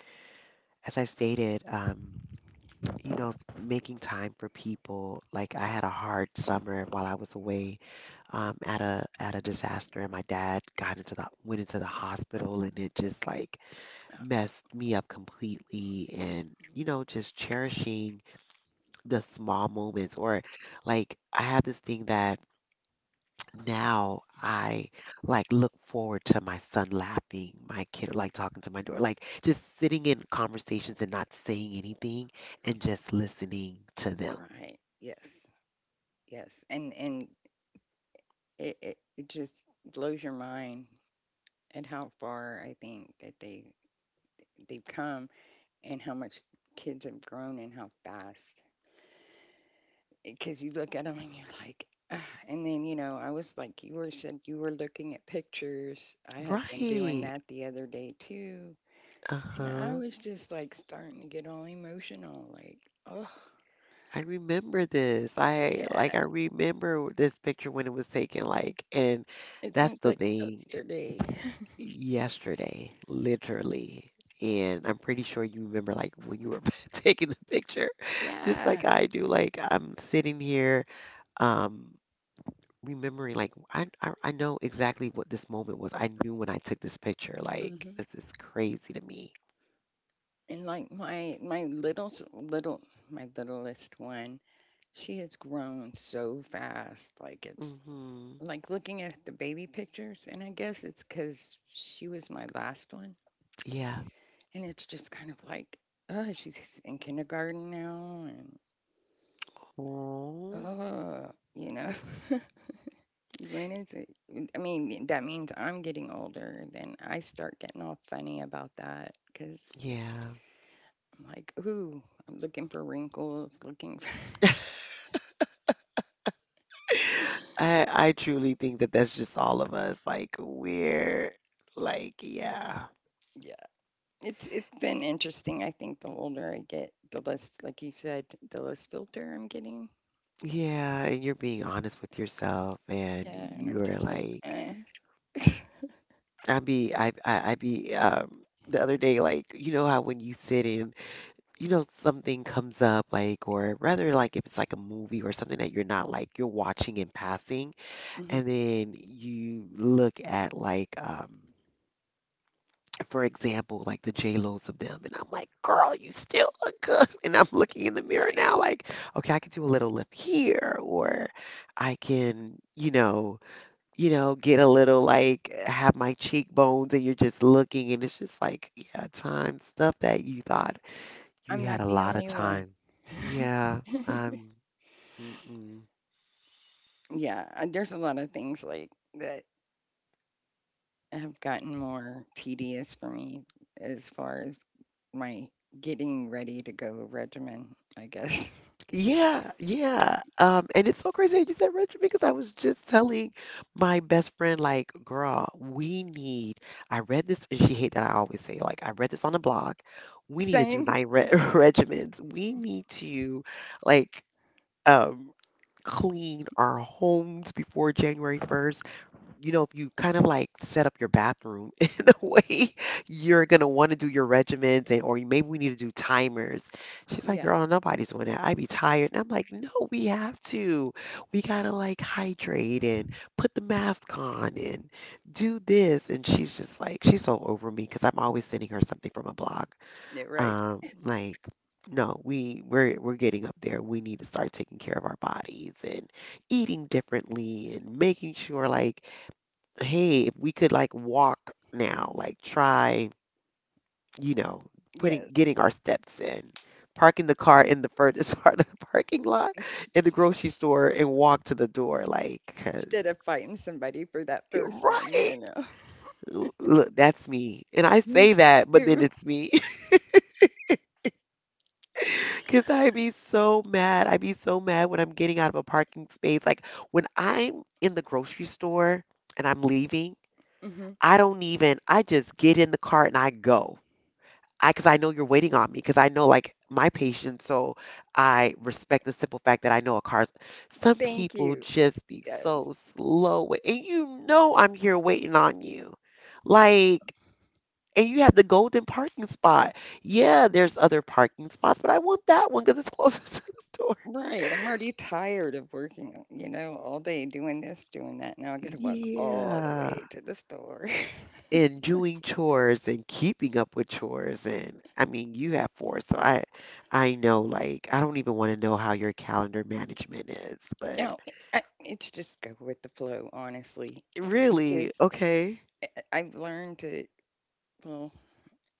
Speaker 1: as I stated you know, making time for people, like I had a hard summer while I was away at a disaster and my dad got into the hospital and it just like messed me up completely. And you know, just cherishing the small moments, or like I have this thing that now I like look forward to my son laughing, my kid like talking to my daughter, like just sitting in conversations and not saying anything and just listening to them.
Speaker 2: Right. Yes. Yes. And it just blows your mind at how far I think that they've come and how much kids have grown and how fast. Because you look at them and you're like, "Ugh." And then I was like you were said you were looking at pictures. I had been doing
Speaker 1: Right.
Speaker 2: that the other day too. And I
Speaker 1: Uh-huh.
Speaker 2: was just like starting to get all emotional, like, oh,
Speaker 1: I remember this.
Speaker 2: yeah,
Speaker 1: I remember this picture when it was taken, like, and
Speaker 2: it
Speaker 1: that's
Speaker 2: seems
Speaker 1: the
Speaker 2: like
Speaker 1: thing,
Speaker 2: yesterday.
Speaker 1: yesterday, literally. And I'm pretty sure you remember like when you were taking the picture, just
Speaker 2: Yeah.
Speaker 1: like I do. Like I'm sitting here um remembering like I know exactly what this moment was. I knew when I took this picture. Like,
Speaker 2: Hmm.
Speaker 1: this is crazy to me.
Speaker 2: And like my little s- little my littlest one, she has grown so fast. Like it's
Speaker 1: Hmm.
Speaker 2: like looking at the baby pictures, and I guess it's because she was my last one,
Speaker 1: Yeah.
Speaker 2: and it's just kind of like, oh, she's in kindergarten now, and
Speaker 1: Oh
Speaker 2: oh, When is it? That means I'm getting older. Then I start getting all funny about that because
Speaker 1: yeah.
Speaker 2: I'm like, ooh, I'm looking for wrinkles, looking for.
Speaker 1: I truly think that that's just all of us. Like, we're like, yeah.
Speaker 2: Yeah, it's been interesting. I think the older I get, the less, like you said, the less filter I'm getting.
Speaker 1: Yeah, and you're being honest with yourself and
Speaker 2: Yeah, and I'm
Speaker 1: you're
Speaker 2: just like,
Speaker 1: like,
Speaker 2: eh.
Speaker 1: I be the other day, like, you know how when you sit in, you know, something comes up, like, or rather, like, if it's like a movie or something that you're not like, you're watching in passing,
Speaker 2: Hmm.
Speaker 1: and then you look at, like, for example, like the J-Lo's of them, and I'm like, girl, you still look good. And I'm looking in the mirror
Speaker 2: I
Speaker 1: now, like, okay, I can do a little lip here, or I can, you know, get a little like have my cheekbones, and you're just looking, and it's just like, yeah, time stuff that you thought you
Speaker 2: I'm
Speaker 1: had
Speaker 2: not
Speaker 1: a
Speaker 2: the
Speaker 1: lot of
Speaker 2: only one.
Speaker 1: time. Yeah, um, mm-mm.
Speaker 2: Yeah, there's a lot of things like that have gotten more tedious for me as far as my getting ready to go regimen, I guess.
Speaker 1: Yeah, yeah. And it's so crazy that you said Richard because I was just telling my best friend, like, girl, we need. I read this, and she hate that I always say, like, I read this on a blog. We need to do
Speaker 2: Same.
Speaker 1: night re regimens. We need to, like, um, clean our homes before January 1st. You know, if you kind of like set up your bathroom in a way, you're gonna want to do your regimens, and or maybe we need to do timers. She's like,
Speaker 2: Yeah.
Speaker 1: girl, nobody's doing that. I'd be tired. And I'm like, no, we have to. We gotta like hydrate and put the mask on and do this. And she's just like, she's so over me because I'm always sending her something from a blog.
Speaker 2: Yeah, right.
Speaker 1: Like, no, we're getting up there. We need to start taking care of our bodies and eating differently and making sure like, hey, if we could like walk now, like try, you know, putting
Speaker 2: Yes.
Speaker 1: getting our steps in, parking the car in the furthest part of the parking lot in the grocery store and walk to the door, like, cause
Speaker 2: Instead of fighting somebody for that
Speaker 1: you're
Speaker 2: first one,
Speaker 1: right. L- Look, that's me. And I
Speaker 2: Me
Speaker 1: say that,
Speaker 2: too.
Speaker 1: but then it's me. Cause I be so mad. I be so mad when I'm getting out of a parking space. Like when I'm in the grocery store and I'm leaving,
Speaker 2: Hmm.
Speaker 1: I don't even, I just get in the car and I go. I because I know you're waiting on me because I know like my patience, so I respect the simple fact that I know a car. Some
Speaker 2: Thank
Speaker 1: people
Speaker 2: you.
Speaker 1: just be
Speaker 2: Yes.
Speaker 1: so slow, with- and you know I'm here waiting on you, like, and you have the golden parking spot. Yeah, there's other parking spots, but I want that one because it's closest to the door.
Speaker 2: Right. I'm already tired of working, all day doing this, doing that. Now I got to walk all the
Speaker 1: Yeah.
Speaker 2: way to the store.
Speaker 1: In doing chores and keeping up with chores, and I mean you have four, so I know like I don't even want to know how your calendar management is, but
Speaker 2: No, it's just go with the flow, honestly,
Speaker 1: really?
Speaker 2: because
Speaker 1: Okay.
Speaker 2: have learned to, well,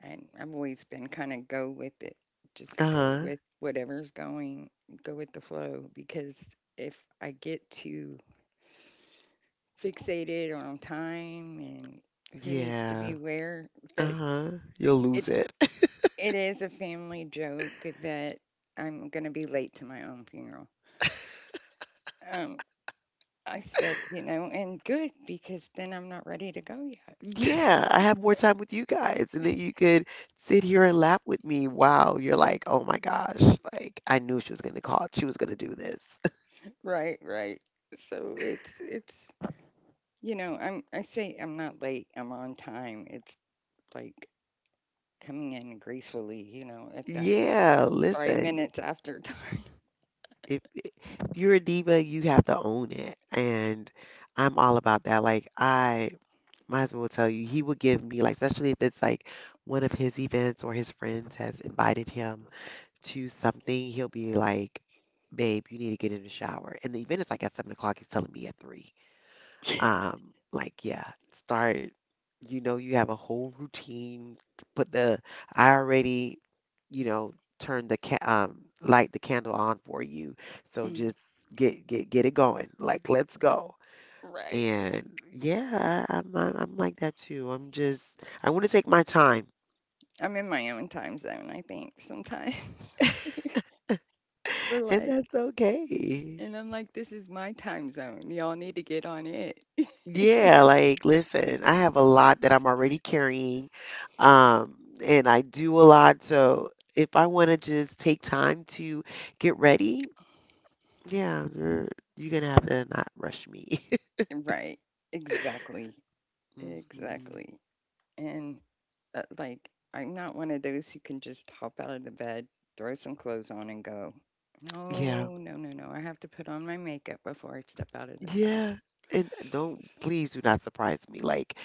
Speaker 2: I, I've always been kind of go with it. Just go
Speaker 1: Uh-huh.
Speaker 2: with whatever's going, go with the flow, because if I get too fixated on time and who needs to
Speaker 1: Yeah.
Speaker 2: be where, but
Speaker 1: Uh-huh. You'll lose
Speaker 2: it
Speaker 1: it.
Speaker 2: it is a family joke that I'm going to be late to my own funeral. Um, I said, and good because then I'm not ready to go yet.
Speaker 1: Yeah, I have more time with you guys, and then you could sit here and laugh with me. Wow, you're like, oh my gosh, like I knew she was gonna call, she was gonna do this.
Speaker 2: Right, right. So it's I'm I say I'm not late, I'm on time. It's like coming in gracefully, at that
Speaker 1: Yeah,
Speaker 2: five
Speaker 1: listen,
Speaker 2: minutes after time.
Speaker 1: if you're a diva, you have to own it. And I'm all about that. Like I might as well tell you, he will give me like, especially if it's like one of his events or his friends has invited him to something, he'll be like, "Babe, you need to get in the shower." And the event is like at 7 o'clock. He's telling me at three. Like, yeah, start, you know, you have a whole routine. Put the, I already, you know, turn the ca light the candle on for you. So
Speaker 2: Mm,
Speaker 1: just get it going. Like, let's go.
Speaker 2: right.
Speaker 1: And yeah, I'm like that too. I'm just I want to take my time,
Speaker 2: I'm in my own time zone, I think, sometimes. Or
Speaker 1: and
Speaker 2: like
Speaker 1: that's okay.
Speaker 2: and I'm like, this is my time zone. Y'all need to get on it.
Speaker 1: Yeah, like listen, I have a lot that I'm already carrying, um, and I do a lot. So if I want to just take time to get ready, yeah, you're gonna have to not rush me.
Speaker 2: Right. Exactly.
Speaker 1: Hmm.
Speaker 2: Exactly. And like, I'm not one of those who can just hop out of the bed, throw some clothes on, and go.
Speaker 1: Yeah.
Speaker 2: No, no, no, no. I have to put on my makeup before I step out of this
Speaker 1: Yeah.
Speaker 2: house.
Speaker 1: And don't, please do not surprise me. Like,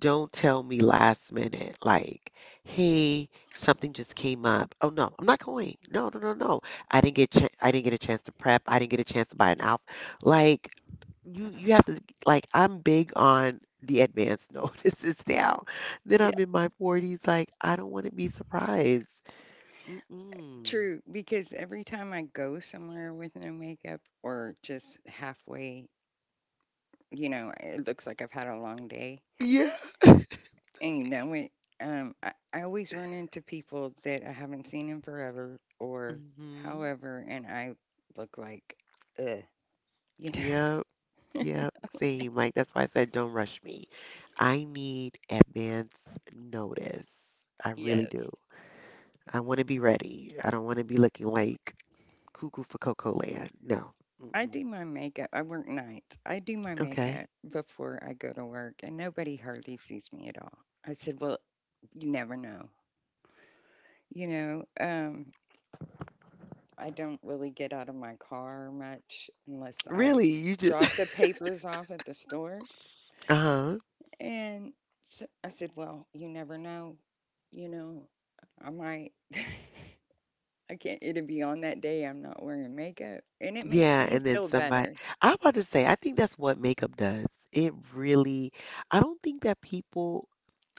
Speaker 1: don't tell me last minute, like, hey, something just came up. Oh no, I'm not going. No, no, no, no. I didn't get a chance to prep. I didn't get a chance to buy an outfit. Like, you have to, like, I'm big on the advance notices now. Then
Speaker 2: Yeah,
Speaker 1: I'm in my 40s, like, I don't want to be surprised. Mm-mm.
Speaker 2: true. Because every time I go somewhere with no makeup or just halfway, it looks like I've had a long day.
Speaker 1: Yeah.
Speaker 2: And you know it. I always run into people that I haven't seen in forever or
Speaker 1: Mm-hmm.
Speaker 2: however, and I look like, ugh, you know.
Speaker 1: Yeah. Yep. See, like that's why I said don't rush me. I need advance notice. I
Speaker 2: Yes.
Speaker 1: really do. I want to be ready. I don't want to be looking like cuckoo for Cocoa Land. No.
Speaker 2: I
Speaker 1: Mm-mm.
Speaker 2: do my makeup. I work nights. I do my
Speaker 1: Okay.
Speaker 2: makeup before I go to work, and nobody hardly sees me at all. I said, well, you never know. You know, I don't really get out of my car much unless I
Speaker 1: Really? You just.
Speaker 2: drop the papers off at the stores.
Speaker 1: Uh-huh.
Speaker 2: And so I said, well, you never know. You know, I might, I can't, it'll be on that day I'm not wearing makeup. And it makes
Speaker 1: Yeah,
Speaker 2: me
Speaker 1: and then
Speaker 2: feel
Speaker 1: somebody,
Speaker 2: better.
Speaker 1: I am about to say, I think that's what makeup does. It really, I don't think that people,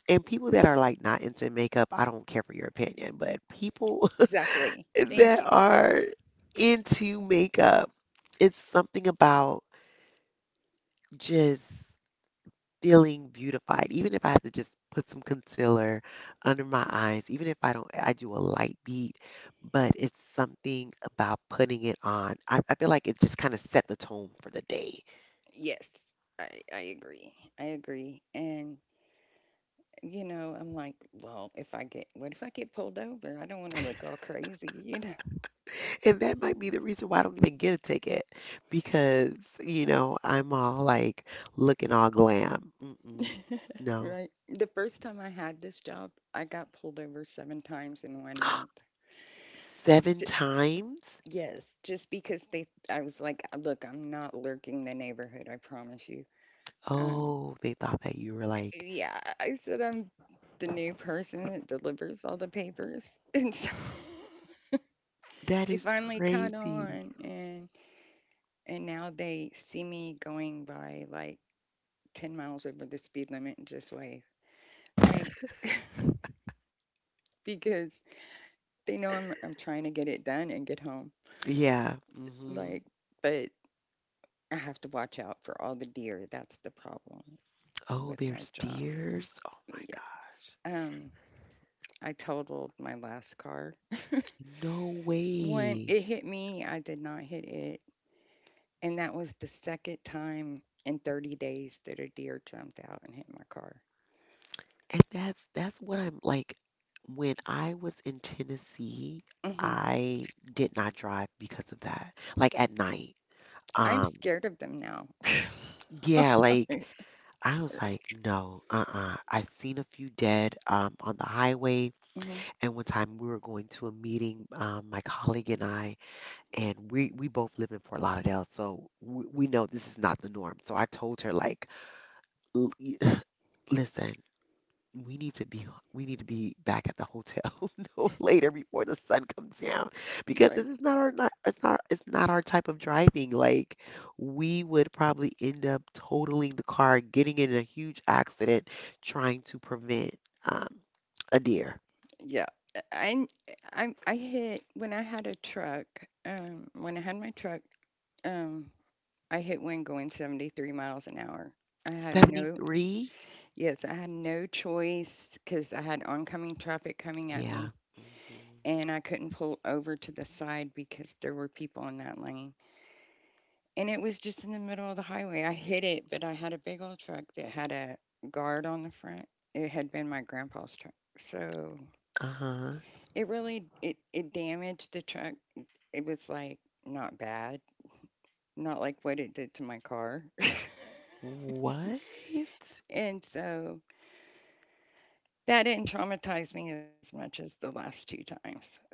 Speaker 1: and people that are like not into makeup, I don't care for your opinion, but people
Speaker 2: Exactly. Thank
Speaker 1: that
Speaker 2: you.
Speaker 1: are into makeup. It's something about just feeling beautified. Even if I have to just put some concealer under my eyes, even if I don't, I do a light beat, but it's something about putting it on. I feel like it just kind of set the tone for the day.
Speaker 2: Yes, I agree. I agree. And, you know, I'm like, well, if I get, what if I get pulled over? I don't want to look all crazy, you
Speaker 1: And that
Speaker 2: know?
Speaker 1: might be the reason why I don't even get a ticket because, you know, I'm all like looking all glam. Mm-mm, no.
Speaker 2: Right. The first time I had this job, I got pulled over seven times in 1 month.
Speaker 1: Seven
Speaker 2: J-
Speaker 1: times?
Speaker 2: yes, just because they, I was like, look, I'm not lurking the neighborhood, I promise you. Um,
Speaker 1: Oh, they thought that you were like,
Speaker 2: yeah, I said I'm the new person that delivers all the papers. And so
Speaker 1: that
Speaker 2: they
Speaker 1: is
Speaker 2: finally caught
Speaker 1: crazy.
Speaker 2: on. And now they see me going by like 10 miles over the speed limit and just wave. Like, because they know I'm trying to get it done and get home.
Speaker 1: Yeah. Hmm.
Speaker 2: Like, but I have to watch out for all the deer. That's the problem
Speaker 1: Oh,
Speaker 2: with my
Speaker 1: there's
Speaker 2: job.
Speaker 1: deers. Oh my
Speaker 2: Yes.
Speaker 1: gosh.
Speaker 2: I totaled my last car.
Speaker 1: No
Speaker 2: One,
Speaker 1: way.
Speaker 2: it hit me. I did not hit it. And that was the second time in 30 days that a deer jumped out and hit my car.
Speaker 1: And that's what I'm like when I was in Tennessee,
Speaker 2: Hmm.
Speaker 1: I did not drive because of that. Like at night.
Speaker 2: I'm
Speaker 1: Um
Speaker 2: scared of them now.
Speaker 1: yeah,
Speaker 2: Hmm.
Speaker 1: I was like, no, uh-uh. I seen a few dead on the highway. And one time we were going to a meeting, my colleague and I, and we both live in Fort Lauderdale, so we know this is not the norm. So I told her like, "L- y- listen, we need to be we need to be back at the hotel no later before the sun comes down, because
Speaker 2: Right.
Speaker 1: this is not, it's not our type of driving. Like, we would probably end up totaling the car, getting in a huge accident, trying to prevent um, a deer.
Speaker 2: Yeah. I I hit when I had a truck. When I had my truck, um, I hit one going 73 miles an hour. I had no,
Speaker 1: 73?
Speaker 2: yes, I had no choice because I had oncoming traffic coming at
Speaker 1: Yeah.
Speaker 2: me,
Speaker 1: hmm
Speaker 2: and I couldn't pull over to the side because there were people in that lane. And it was just in the middle of the highway. I hit it, but I had a big old truck that had a guard on the front. It had been my grandpa's truck, so
Speaker 1: Uh-huh.
Speaker 2: it really it it damaged the truck. It was like not bad, not like what it did to my car.
Speaker 1: What?
Speaker 2: And so that didn't traumatize me as much as the last two times. So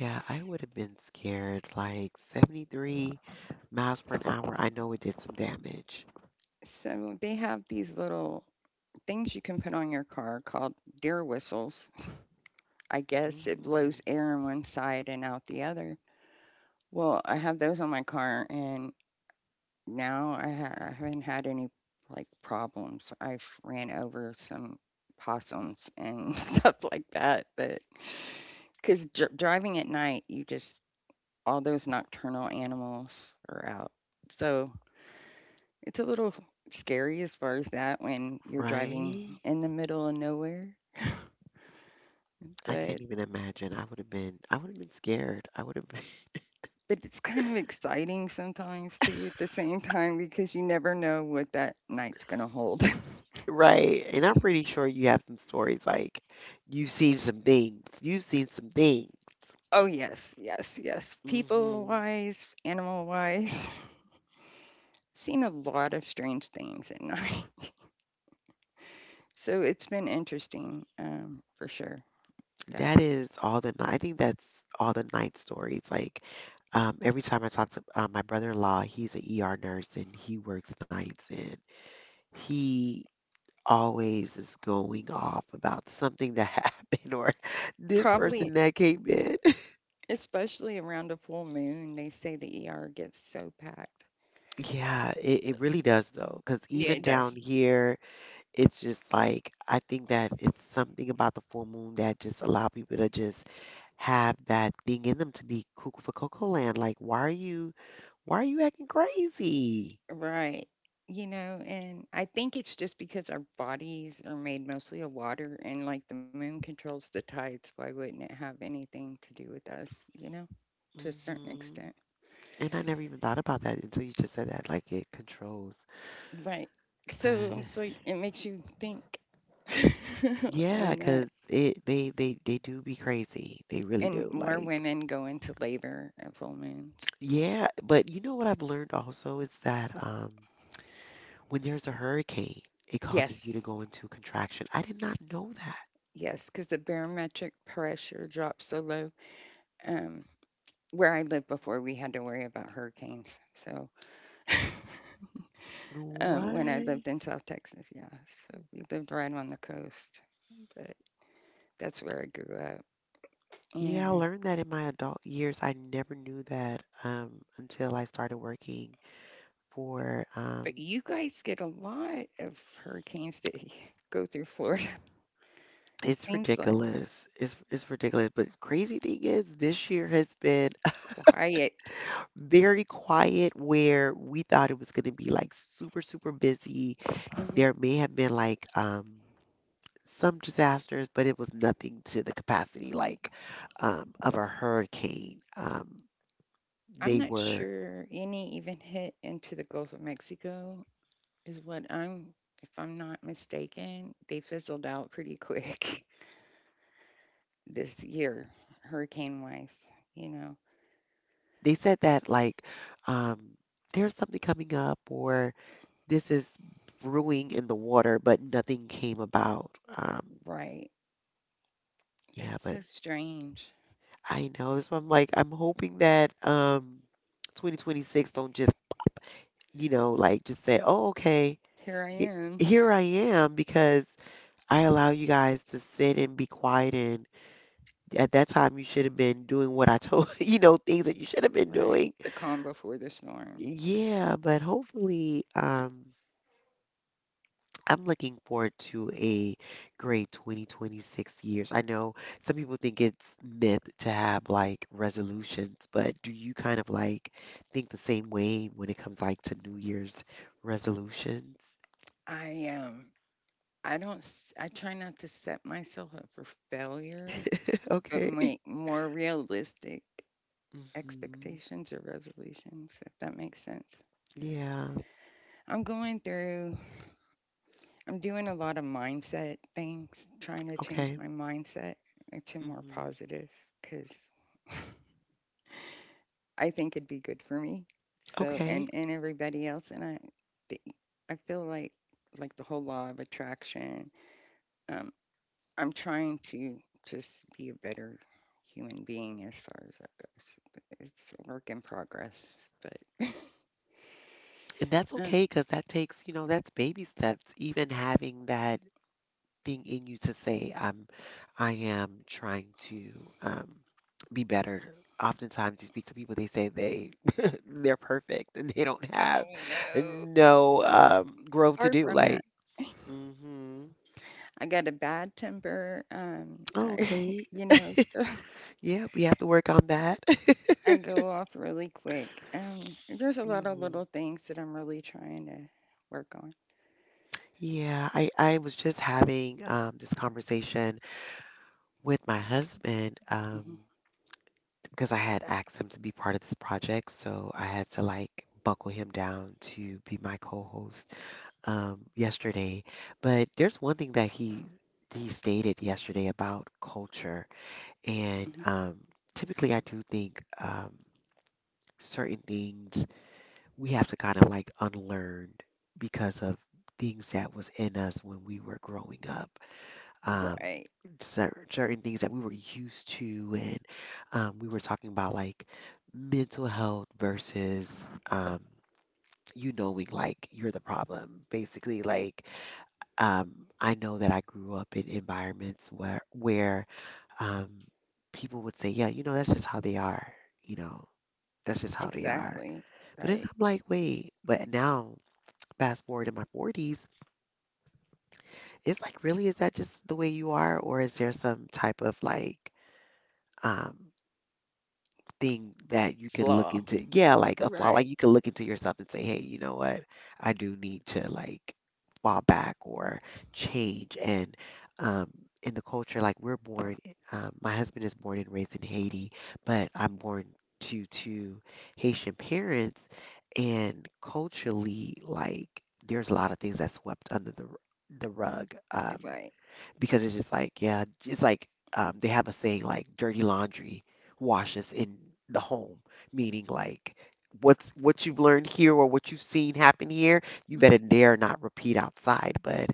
Speaker 1: Yeah, I would have been scared. Like 73 miles per an hour, I know it did some damage.
Speaker 2: so they have these little things you can put on your car called deer whistles. I guess it
Speaker 1: Mm,
Speaker 2: blows air on one side and out the other. Well, I have those on my car and no, I haven't had any like problems. I've ran over some possums and stuff like that, but because driving at night, you just all those nocturnal animals are out, so it's a little scary as far as that when you're driving
Speaker 1: right?
Speaker 2: in the middle of nowhere,
Speaker 1: I
Speaker 2: but.
Speaker 1: can't even imagine. I would have been scared. I would have been,
Speaker 2: But it's kind of exciting sometimes too at the same time because you never know what that night's going to hold.
Speaker 1: right? And I'm pretty sure you have some stories, like you've seen some things. You've seen some things.
Speaker 2: Oh yes, yes, yes. People
Speaker 1: Mm-hmm.
Speaker 2: wise, animal wise, seen a lot of strange things at night. So it's been interesting, for sure. That
Speaker 1: That is all the night. I think that's all the night stories. Like every time I talk to my brother-in-law, he's an ER nurse and he works nights, and he always is going off about something that happened or this person
Speaker 2: probably,
Speaker 1: that came in.
Speaker 2: especially around a full moon, they say the ER gets so packed.
Speaker 1: Yeah, it really does though, because
Speaker 2: Yeah,
Speaker 1: even
Speaker 2: it
Speaker 1: down
Speaker 2: does.
Speaker 1: here, it's just like I think that it's something about the full moon that just allow people to just have that thing in them to be cuckoo for Cocoa Land. Like, why are you? Why are you acting crazy?
Speaker 2: Right. You know, and I think it's just because our bodies are made mostly of water and like the moon controls the tides, why wouldn't it have anything to do with us, you know, to a certain
Speaker 1: Hmm
Speaker 2: extent?
Speaker 1: And I never even thought about that until you just said that, like it controls.
Speaker 2: Right.
Speaker 1: But
Speaker 2: So I'm so it makes you think on that.
Speaker 1: cause it they do be crazy. They really
Speaker 2: And
Speaker 1: do.
Speaker 2: more
Speaker 1: Like,
Speaker 2: women go into labor at full moons.
Speaker 1: yeah, but you know what I've learned also is that when there's a hurricane, it causes you to
Speaker 2: Yes.
Speaker 1: go into contraction. I did not know that.
Speaker 2: Yes, because the barometric pressure drops so low. Um, where I lived before, we had to worry about hurricanes. So
Speaker 1: What?
Speaker 2: when I lived in South Texas, yeah. So we lived right on the coast. But that's where I grew up.
Speaker 1: Yeah, I
Speaker 2: And
Speaker 1: learned that in my adult years. I never knew that until I started working for
Speaker 2: but you guys get a lot of hurricanes that go through Florida. It
Speaker 1: it's
Speaker 2: seems like
Speaker 1: ridiculous. It's ridiculous. But crazy thing is, this year has been
Speaker 2: quiet.
Speaker 1: very quiet, where we thought it was going to be like super, super busy.
Speaker 2: hmm
Speaker 1: There may have been like some disasters, but it was nothing to the capacity like of a hurricane.
Speaker 2: I'm
Speaker 1: They
Speaker 2: not
Speaker 1: were
Speaker 2: sure any even hit into the Gulf of Mexico, is what I'm, if I'm not mistaken, they fizzled out pretty quick this year, hurricane wise, you know.
Speaker 1: they said that like um there's something coming up, or this is brewing in the water, but nothing came about.
Speaker 2: Right.
Speaker 1: Yeah,
Speaker 2: That's
Speaker 1: but
Speaker 2: so strange.
Speaker 1: I know. That's why I'm like, I'm hoping that 2026 don't just, you know, like just say, "Oh, okay.
Speaker 2: Here I
Speaker 1: He
Speaker 2: am.
Speaker 1: Here I am, because I allow you guys to sit and be quiet and at that time you should have been doing what I told, you know, things that you should have been
Speaker 2: Right.
Speaker 1: doing."
Speaker 2: The calm before the storm.
Speaker 1: Yeah, but hopefully I'm looking forward to a great 2026 years. I know some people think it's myth to have like resolutions, but do you kind of like think the same way when it comes like to New Year's resolutions?
Speaker 2: I I don't s- I try not to set myself up for failure, but
Speaker 1: Okay.
Speaker 2: make more realistic
Speaker 1: hmm
Speaker 2: expectations or resolutions, if that makes sense.
Speaker 1: Yeah.
Speaker 2: I'm going through, I'm doing a lot of mindset things, trying to change
Speaker 1: Okay.
Speaker 2: my mindset to more
Speaker 1: hmm
Speaker 2: positive because I think it'd be good for me. So,
Speaker 1: Okay.
Speaker 2: and everybody else. Th- I feel like the whole law of attraction, um, I'm trying to just be a better human being as far as that goes. It's a work in progress, but.
Speaker 1: And that's
Speaker 2: Um,
Speaker 1: okay, because that takes, you know, that's baby steps. Even having that thing in you to say I am trying to be better. Oftentimes, you speak to people, they say they they're perfect and they don't have
Speaker 2: oh no!
Speaker 1: no growth to
Speaker 2: Far
Speaker 1: do.
Speaker 2: from that.
Speaker 1: Like, hmm
Speaker 2: I got a bad temper,
Speaker 1: oh,
Speaker 2: I
Speaker 1: okay,
Speaker 2: you know, so
Speaker 1: yeah, we have to work on that.
Speaker 2: I go off really quick. There's a lot of
Speaker 1: hmm
Speaker 2: little things that I'm really trying to work on.
Speaker 1: Yeah, I was just having this conversation with my husband.
Speaker 2: Mhm,
Speaker 1: Because I had asked him to be part of this project, so I had to like buckle him down to be my co-host, yesterday. But there's one thing that he stated yesterday about culture,
Speaker 2: mhm.
Speaker 1: and typically I do think certain things we have to kind of like unlearn because of things that was in us when we were growing up, um,
Speaker 2: Right,
Speaker 1: certain things that we were used to, and we were talking about like mental health versus you knowing like you're the problem. Basically, like um, I know that I grew up in environments where um, people would say, "Yeah, you know, that's just how they are," you know. That's just how they are.
Speaker 2: exactly,
Speaker 1: But then
Speaker 2: right.
Speaker 1: I'm like, wait, but now fast forward in my 40s, it's like, really, is that just the way you are? Or is there some type of like um, thing that you can look
Speaker 2: Flaw.
Speaker 1: into. Yeah, like a flaw. Like
Speaker 2: Right,
Speaker 1: you can look into yourself and say, hey, you know what? I do need to like fall back or change. And um, in the culture, like we're born, my husband is born and raised in Haiti, but I'm born to two Haitian parents. And culturally, like there's a lot of things that swept under the rug.
Speaker 2: right.
Speaker 1: Because it's just like, yeah, it's like they have a saying like dirty laundry washes in the home, meaning like what's what you've learned here or what you've seen happen here, you
Speaker 2: Mhm.
Speaker 1: better dare not repeat outside. But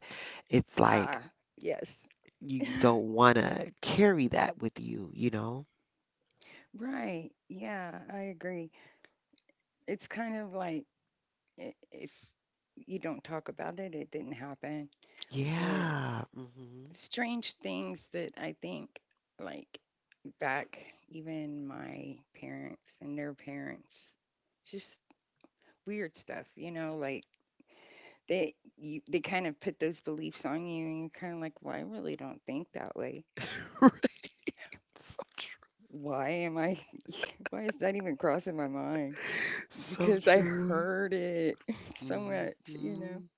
Speaker 1: it's like
Speaker 2: Ah, yes.
Speaker 1: you don't want to carry that with you, you know?
Speaker 2: Right. Yeah, I agree. It's kind of like if you don't talk about it, it didn't happen, or
Speaker 1: Yeah. hmm
Speaker 2: strange things that I think like back even my parents and their parents just weird stuff, you know, like they kind of put those beliefs on you and you're kind of like, "Well, I really don't think that way.
Speaker 1: Right. So true.
Speaker 2: Why am I why is that even crossing my mind?"
Speaker 1: So
Speaker 2: Because I
Speaker 1: true.
Speaker 2: heard it so much, you know.
Speaker 1: Hmm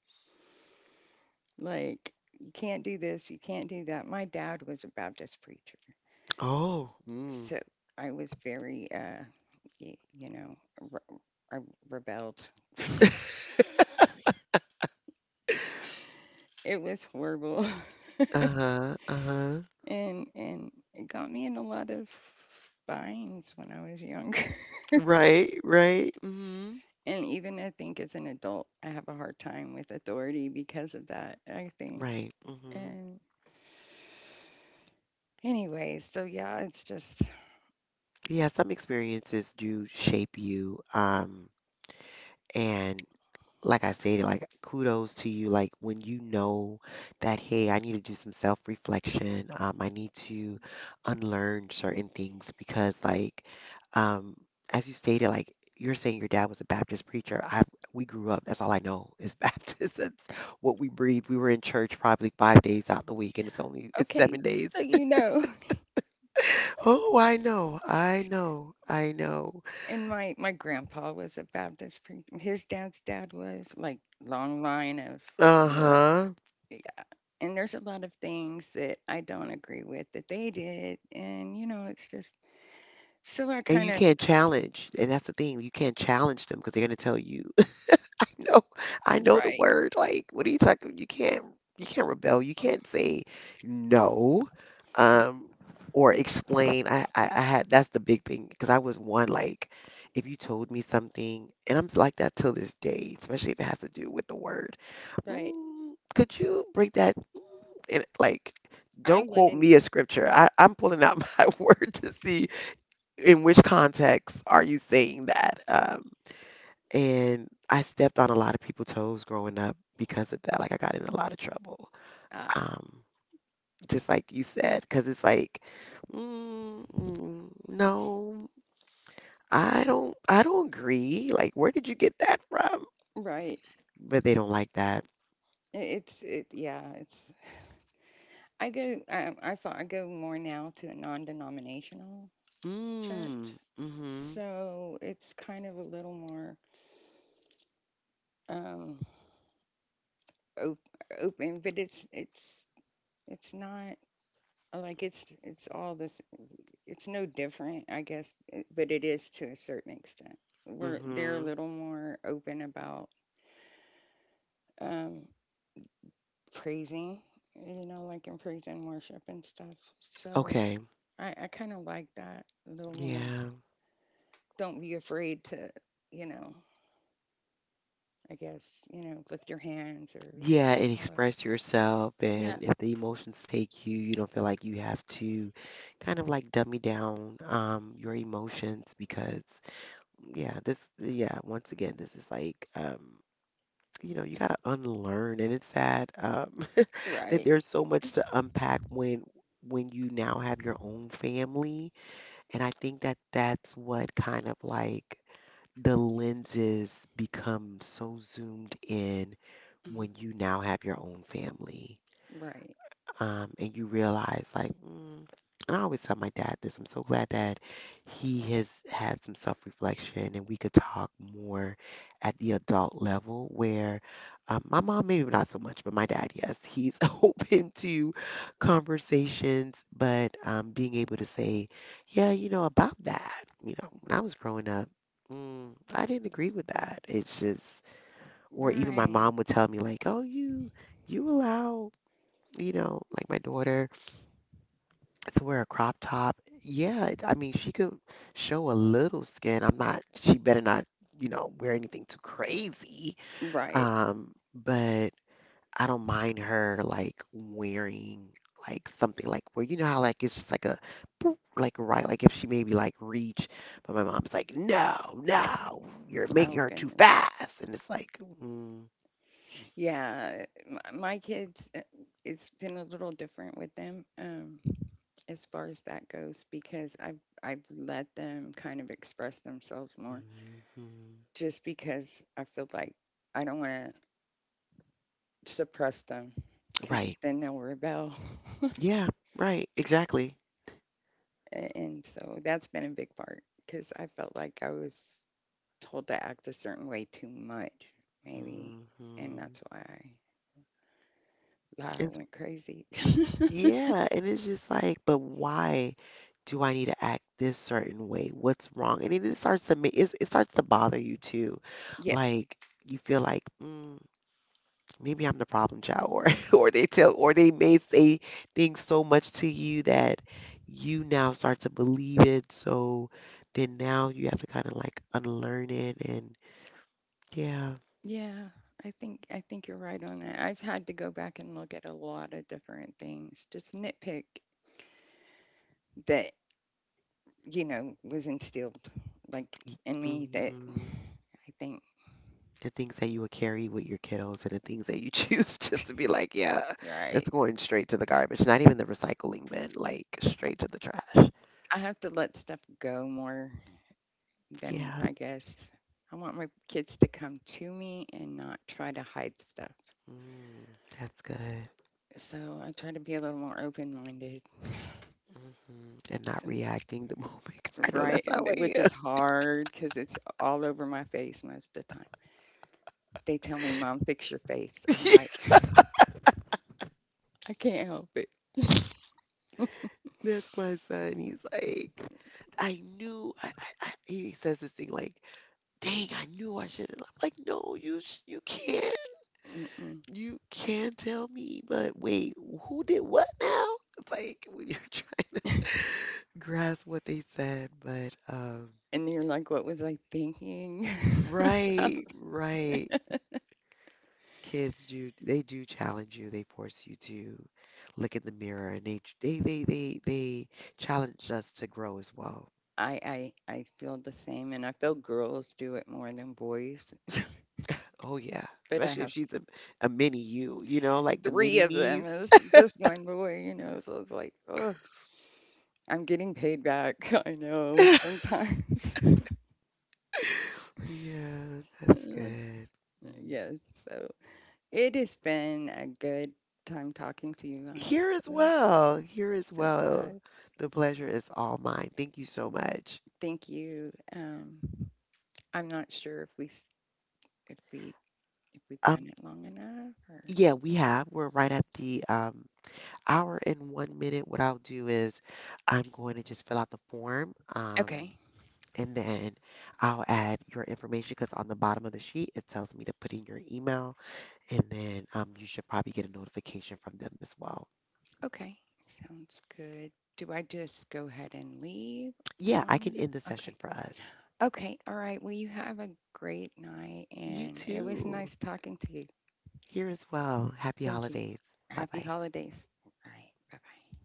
Speaker 2: Like you can't do this, you can't do that. My dad was a Baptist preacher
Speaker 1: Oh. Mm.
Speaker 2: so I was very, you know, re- I rebelled. It was horrible,
Speaker 1: Uh-huh. Uh-huh.
Speaker 2: and it got me in a lot of binds when I was younger.
Speaker 1: Right, right. hmm
Speaker 2: And even I think as an adult, I have a hard time with authority because of that. I think.
Speaker 1: Right. hmm
Speaker 2: And anyway, so yeah, it's just
Speaker 1: Yeah, some experiences do shape you. And like I stated, like kudos to you. Like when you know that, hey, I need to do some self-reflection. I need to unlearn certain things because, like, um, as you stated, like you're saying your dad was a Baptist preacher. I We grew up. That's all I know is Baptist. That's what we breathe. We were in church probably 5 days out the week, and it's only it's
Speaker 2: okay.
Speaker 1: 7 days.
Speaker 2: So you know.
Speaker 1: Oh, I know, I know, I know.
Speaker 2: And my grandpa was a Baptist preacher. His dad's dad was like long line of work.
Speaker 1: Uh-huh.
Speaker 2: And there's a lot of things that I don't agree with that they did, and you know, it's just so I
Speaker 1: And
Speaker 2: kind
Speaker 1: you
Speaker 2: of
Speaker 1: can't challenge. And that's the thing. You can't challenge them because they're gonna tell you, no, I know the
Speaker 2: right,
Speaker 1: word. Like, what are you talking? You can't rebel. You can't say no. Um, or explain. I had, that's the big thing because I was one like if you told me something, and I'm like that till this day, especially if it has to do with the word.
Speaker 2: right.
Speaker 1: Mm, could you break that? Mm," And like,
Speaker 2: I
Speaker 1: don't quote
Speaker 2: wouldn't,
Speaker 1: me a scripture. I'm pulling out my word to see in which context are you saying that? And I stepped on a lot of people's toes growing up because of that. Like I got in a lot of trouble.
Speaker 2: uh,
Speaker 1: Um, just like you said, because it's like, mm, mm, no, I don't agree. Like, where did you get that from?
Speaker 2: right.
Speaker 1: But they don't like that.
Speaker 2: It's it, yeah. It's I go. I go more now to a non-denominational church,
Speaker 1: Mm, mm-hmm,
Speaker 2: so it's kind of a little more um op- open, but it's not like it's all this. It's no different, I guess, eh, but it is to a certain extent. We're they're a
Speaker 1: mm-hmm.
Speaker 2: little more open about um, praising, you know, like in praise and worship and stuff. So
Speaker 1: Okay,
Speaker 2: I kind of like that a little more.
Speaker 1: yeah.
Speaker 2: Don't be afraid to, you know, I guess, you know, lift your hands or
Speaker 1: Yeah, and
Speaker 2: however.
Speaker 1: express yourself.
Speaker 2: Yeah.
Speaker 1: And if the emotions take you, you don't feel like you have to kind of like dummy down your emotions. Because yeah, this yeah, once again, this is like you know, you gotta unlearn, and it's sad that
Speaker 2: Right.
Speaker 1: there's so much to unpack when you now have your own family. And I think that that's what kind of like the lenses become so zoomed in
Speaker 2: Mhm.
Speaker 1: when you now have your own family,
Speaker 2: Right.
Speaker 1: and you realize like mm, and I always tell my dad this, I'm so glad that he has had some self-reflection and we could talk more at the adult level where my mom maybe not so much, but my dad yes, he's open to conversations. But being able to say, yeah, you know about that, you know when I was growing up, mm, I didn't agree with that, it's just, or even my
Speaker 2: Right.
Speaker 1: mom would tell me like, oh, you allow, you know, like my daughter, to wear a crop top. Yeah, it- I mean, she could show a little skin. I'm not, She better not, you know, wear anything too crazy.
Speaker 2: Right.
Speaker 1: But I don't mind her like wearing like something like where you know how like it's just like a boop, like right, like if she maybe like reach, but my mom's like, no, no, you're making
Speaker 2: Oh
Speaker 1: her too
Speaker 2: goodness.
Speaker 1: fast. And it's like, mm,
Speaker 2: Yeah, my kids, it's been a little different with them as far as that goes because I've let them kind of express themselves more,
Speaker 1: mhm.
Speaker 2: just because I feel like I don't want to suppress them because
Speaker 1: Right.
Speaker 2: then they'll rebel.
Speaker 1: Yeah, right, exactly.
Speaker 2: And so that's been a big part because I felt like I was told to act a certain way too much, maybe, and that's why I
Speaker 1: hmm
Speaker 2: went crazy.
Speaker 1: Yeah, and it's just like, but why do I need to act this certain way? What's wrong? And then it starts to bother you too.
Speaker 2: Yes.
Speaker 1: Like you feel like mm, maybe I'm the problem child, or or they tell, or they may say things so much to you that you now start to believe it. So then now you have to kind of like unlearn it, and yeah,
Speaker 2: Yeah, I think you're right on that. I've had to go back and look at a lot of different things, just nitpick that, you know, was instilled like in me that
Speaker 1: mhm.
Speaker 2: I think,
Speaker 1: The things that you would carry with your kiddos and the things that you choose just to be like, yeah,
Speaker 2: right.
Speaker 1: that's going straight to the garbage, not even the recycling bin, like straight to the trash.
Speaker 2: I have to let stuff go more than
Speaker 1: Yeah,
Speaker 2: I guess I want my kids to come to me and not try to hide stuff.
Speaker 1: mm, that's good.
Speaker 2: So I try to be a little more open-minded.
Speaker 1: Hmm And not
Speaker 2: Some,
Speaker 1: reacting the moment because I know
Speaker 2: right,
Speaker 1: that's how
Speaker 2: which
Speaker 1: I
Speaker 2: is hard because it's all over my face most of the time. They tell me, "Mom, fix your face."
Speaker 1: am.
Speaker 2: I'm like, "I can't help it."
Speaker 1: That's my son. He's like, I knew. He says this thing like, "Dang, I knew I shouldn't." I'm like, "No, you, you can't.
Speaker 2: Mm-mm.
Speaker 1: You can tell me, but wait, who did what now? It's like when you're trying to grasp what they said, but
Speaker 2: And you're like, "What was I thinking?" I,
Speaker 1: right, right. Kids do, they do challenge you. They force you to look in the mirror, and they ch- they challenge us to grow as well.
Speaker 2: I feel the same, and I feel girls do it more than boys.
Speaker 1: Oh yeah,
Speaker 2: But I
Speaker 1: especially if
Speaker 2: have
Speaker 1: she's a mini you, you know, like the
Speaker 2: three
Speaker 1: mini
Speaker 2: of
Speaker 1: me.
Speaker 2: them as just one boy, you know. So it's like, oh, I'm getting paid back. I know sometimes.
Speaker 1: Yeah, that's good. Mm.
Speaker 2: Yes. So it has been a good time talking to you. I'm
Speaker 1: Here as
Speaker 2: so
Speaker 1: well. Here as
Speaker 2: so
Speaker 1: well.
Speaker 2: glad.
Speaker 1: The pleasure is all mine. Thank you so much.
Speaker 2: Thank you. I'm not sure if we if we've
Speaker 1: Um,
Speaker 2: done it long enough or
Speaker 1: yeah, we have. We're right at the hour and one minute. What I'll do is I'm going to just fill out the form,
Speaker 2: okay.
Speaker 1: and then I'll add your information because on the bottom of the sheet it tells me to put in your email, and then you should probably get a notification from them as well.
Speaker 2: Okay. Sounds good. Do I just go ahead and leave
Speaker 1: Yeah,
Speaker 2: on
Speaker 1: I can end the
Speaker 2: that?
Speaker 1: session
Speaker 2: Okay.
Speaker 1: for us.
Speaker 2: Okay. All right. Well, you have a great night
Speaker 1: You
Speaker 2: and it was
Speaker 1: too.
Speaker 2: nice talking to you.
Speaker 1: Here as well. Happy
Speaker 2: Thank you.
Speaker 1: holidays. Bye
Speaker 2: Happy
Speaker 1: bye.
Speaker 2: holidays. All right. Bye-bye.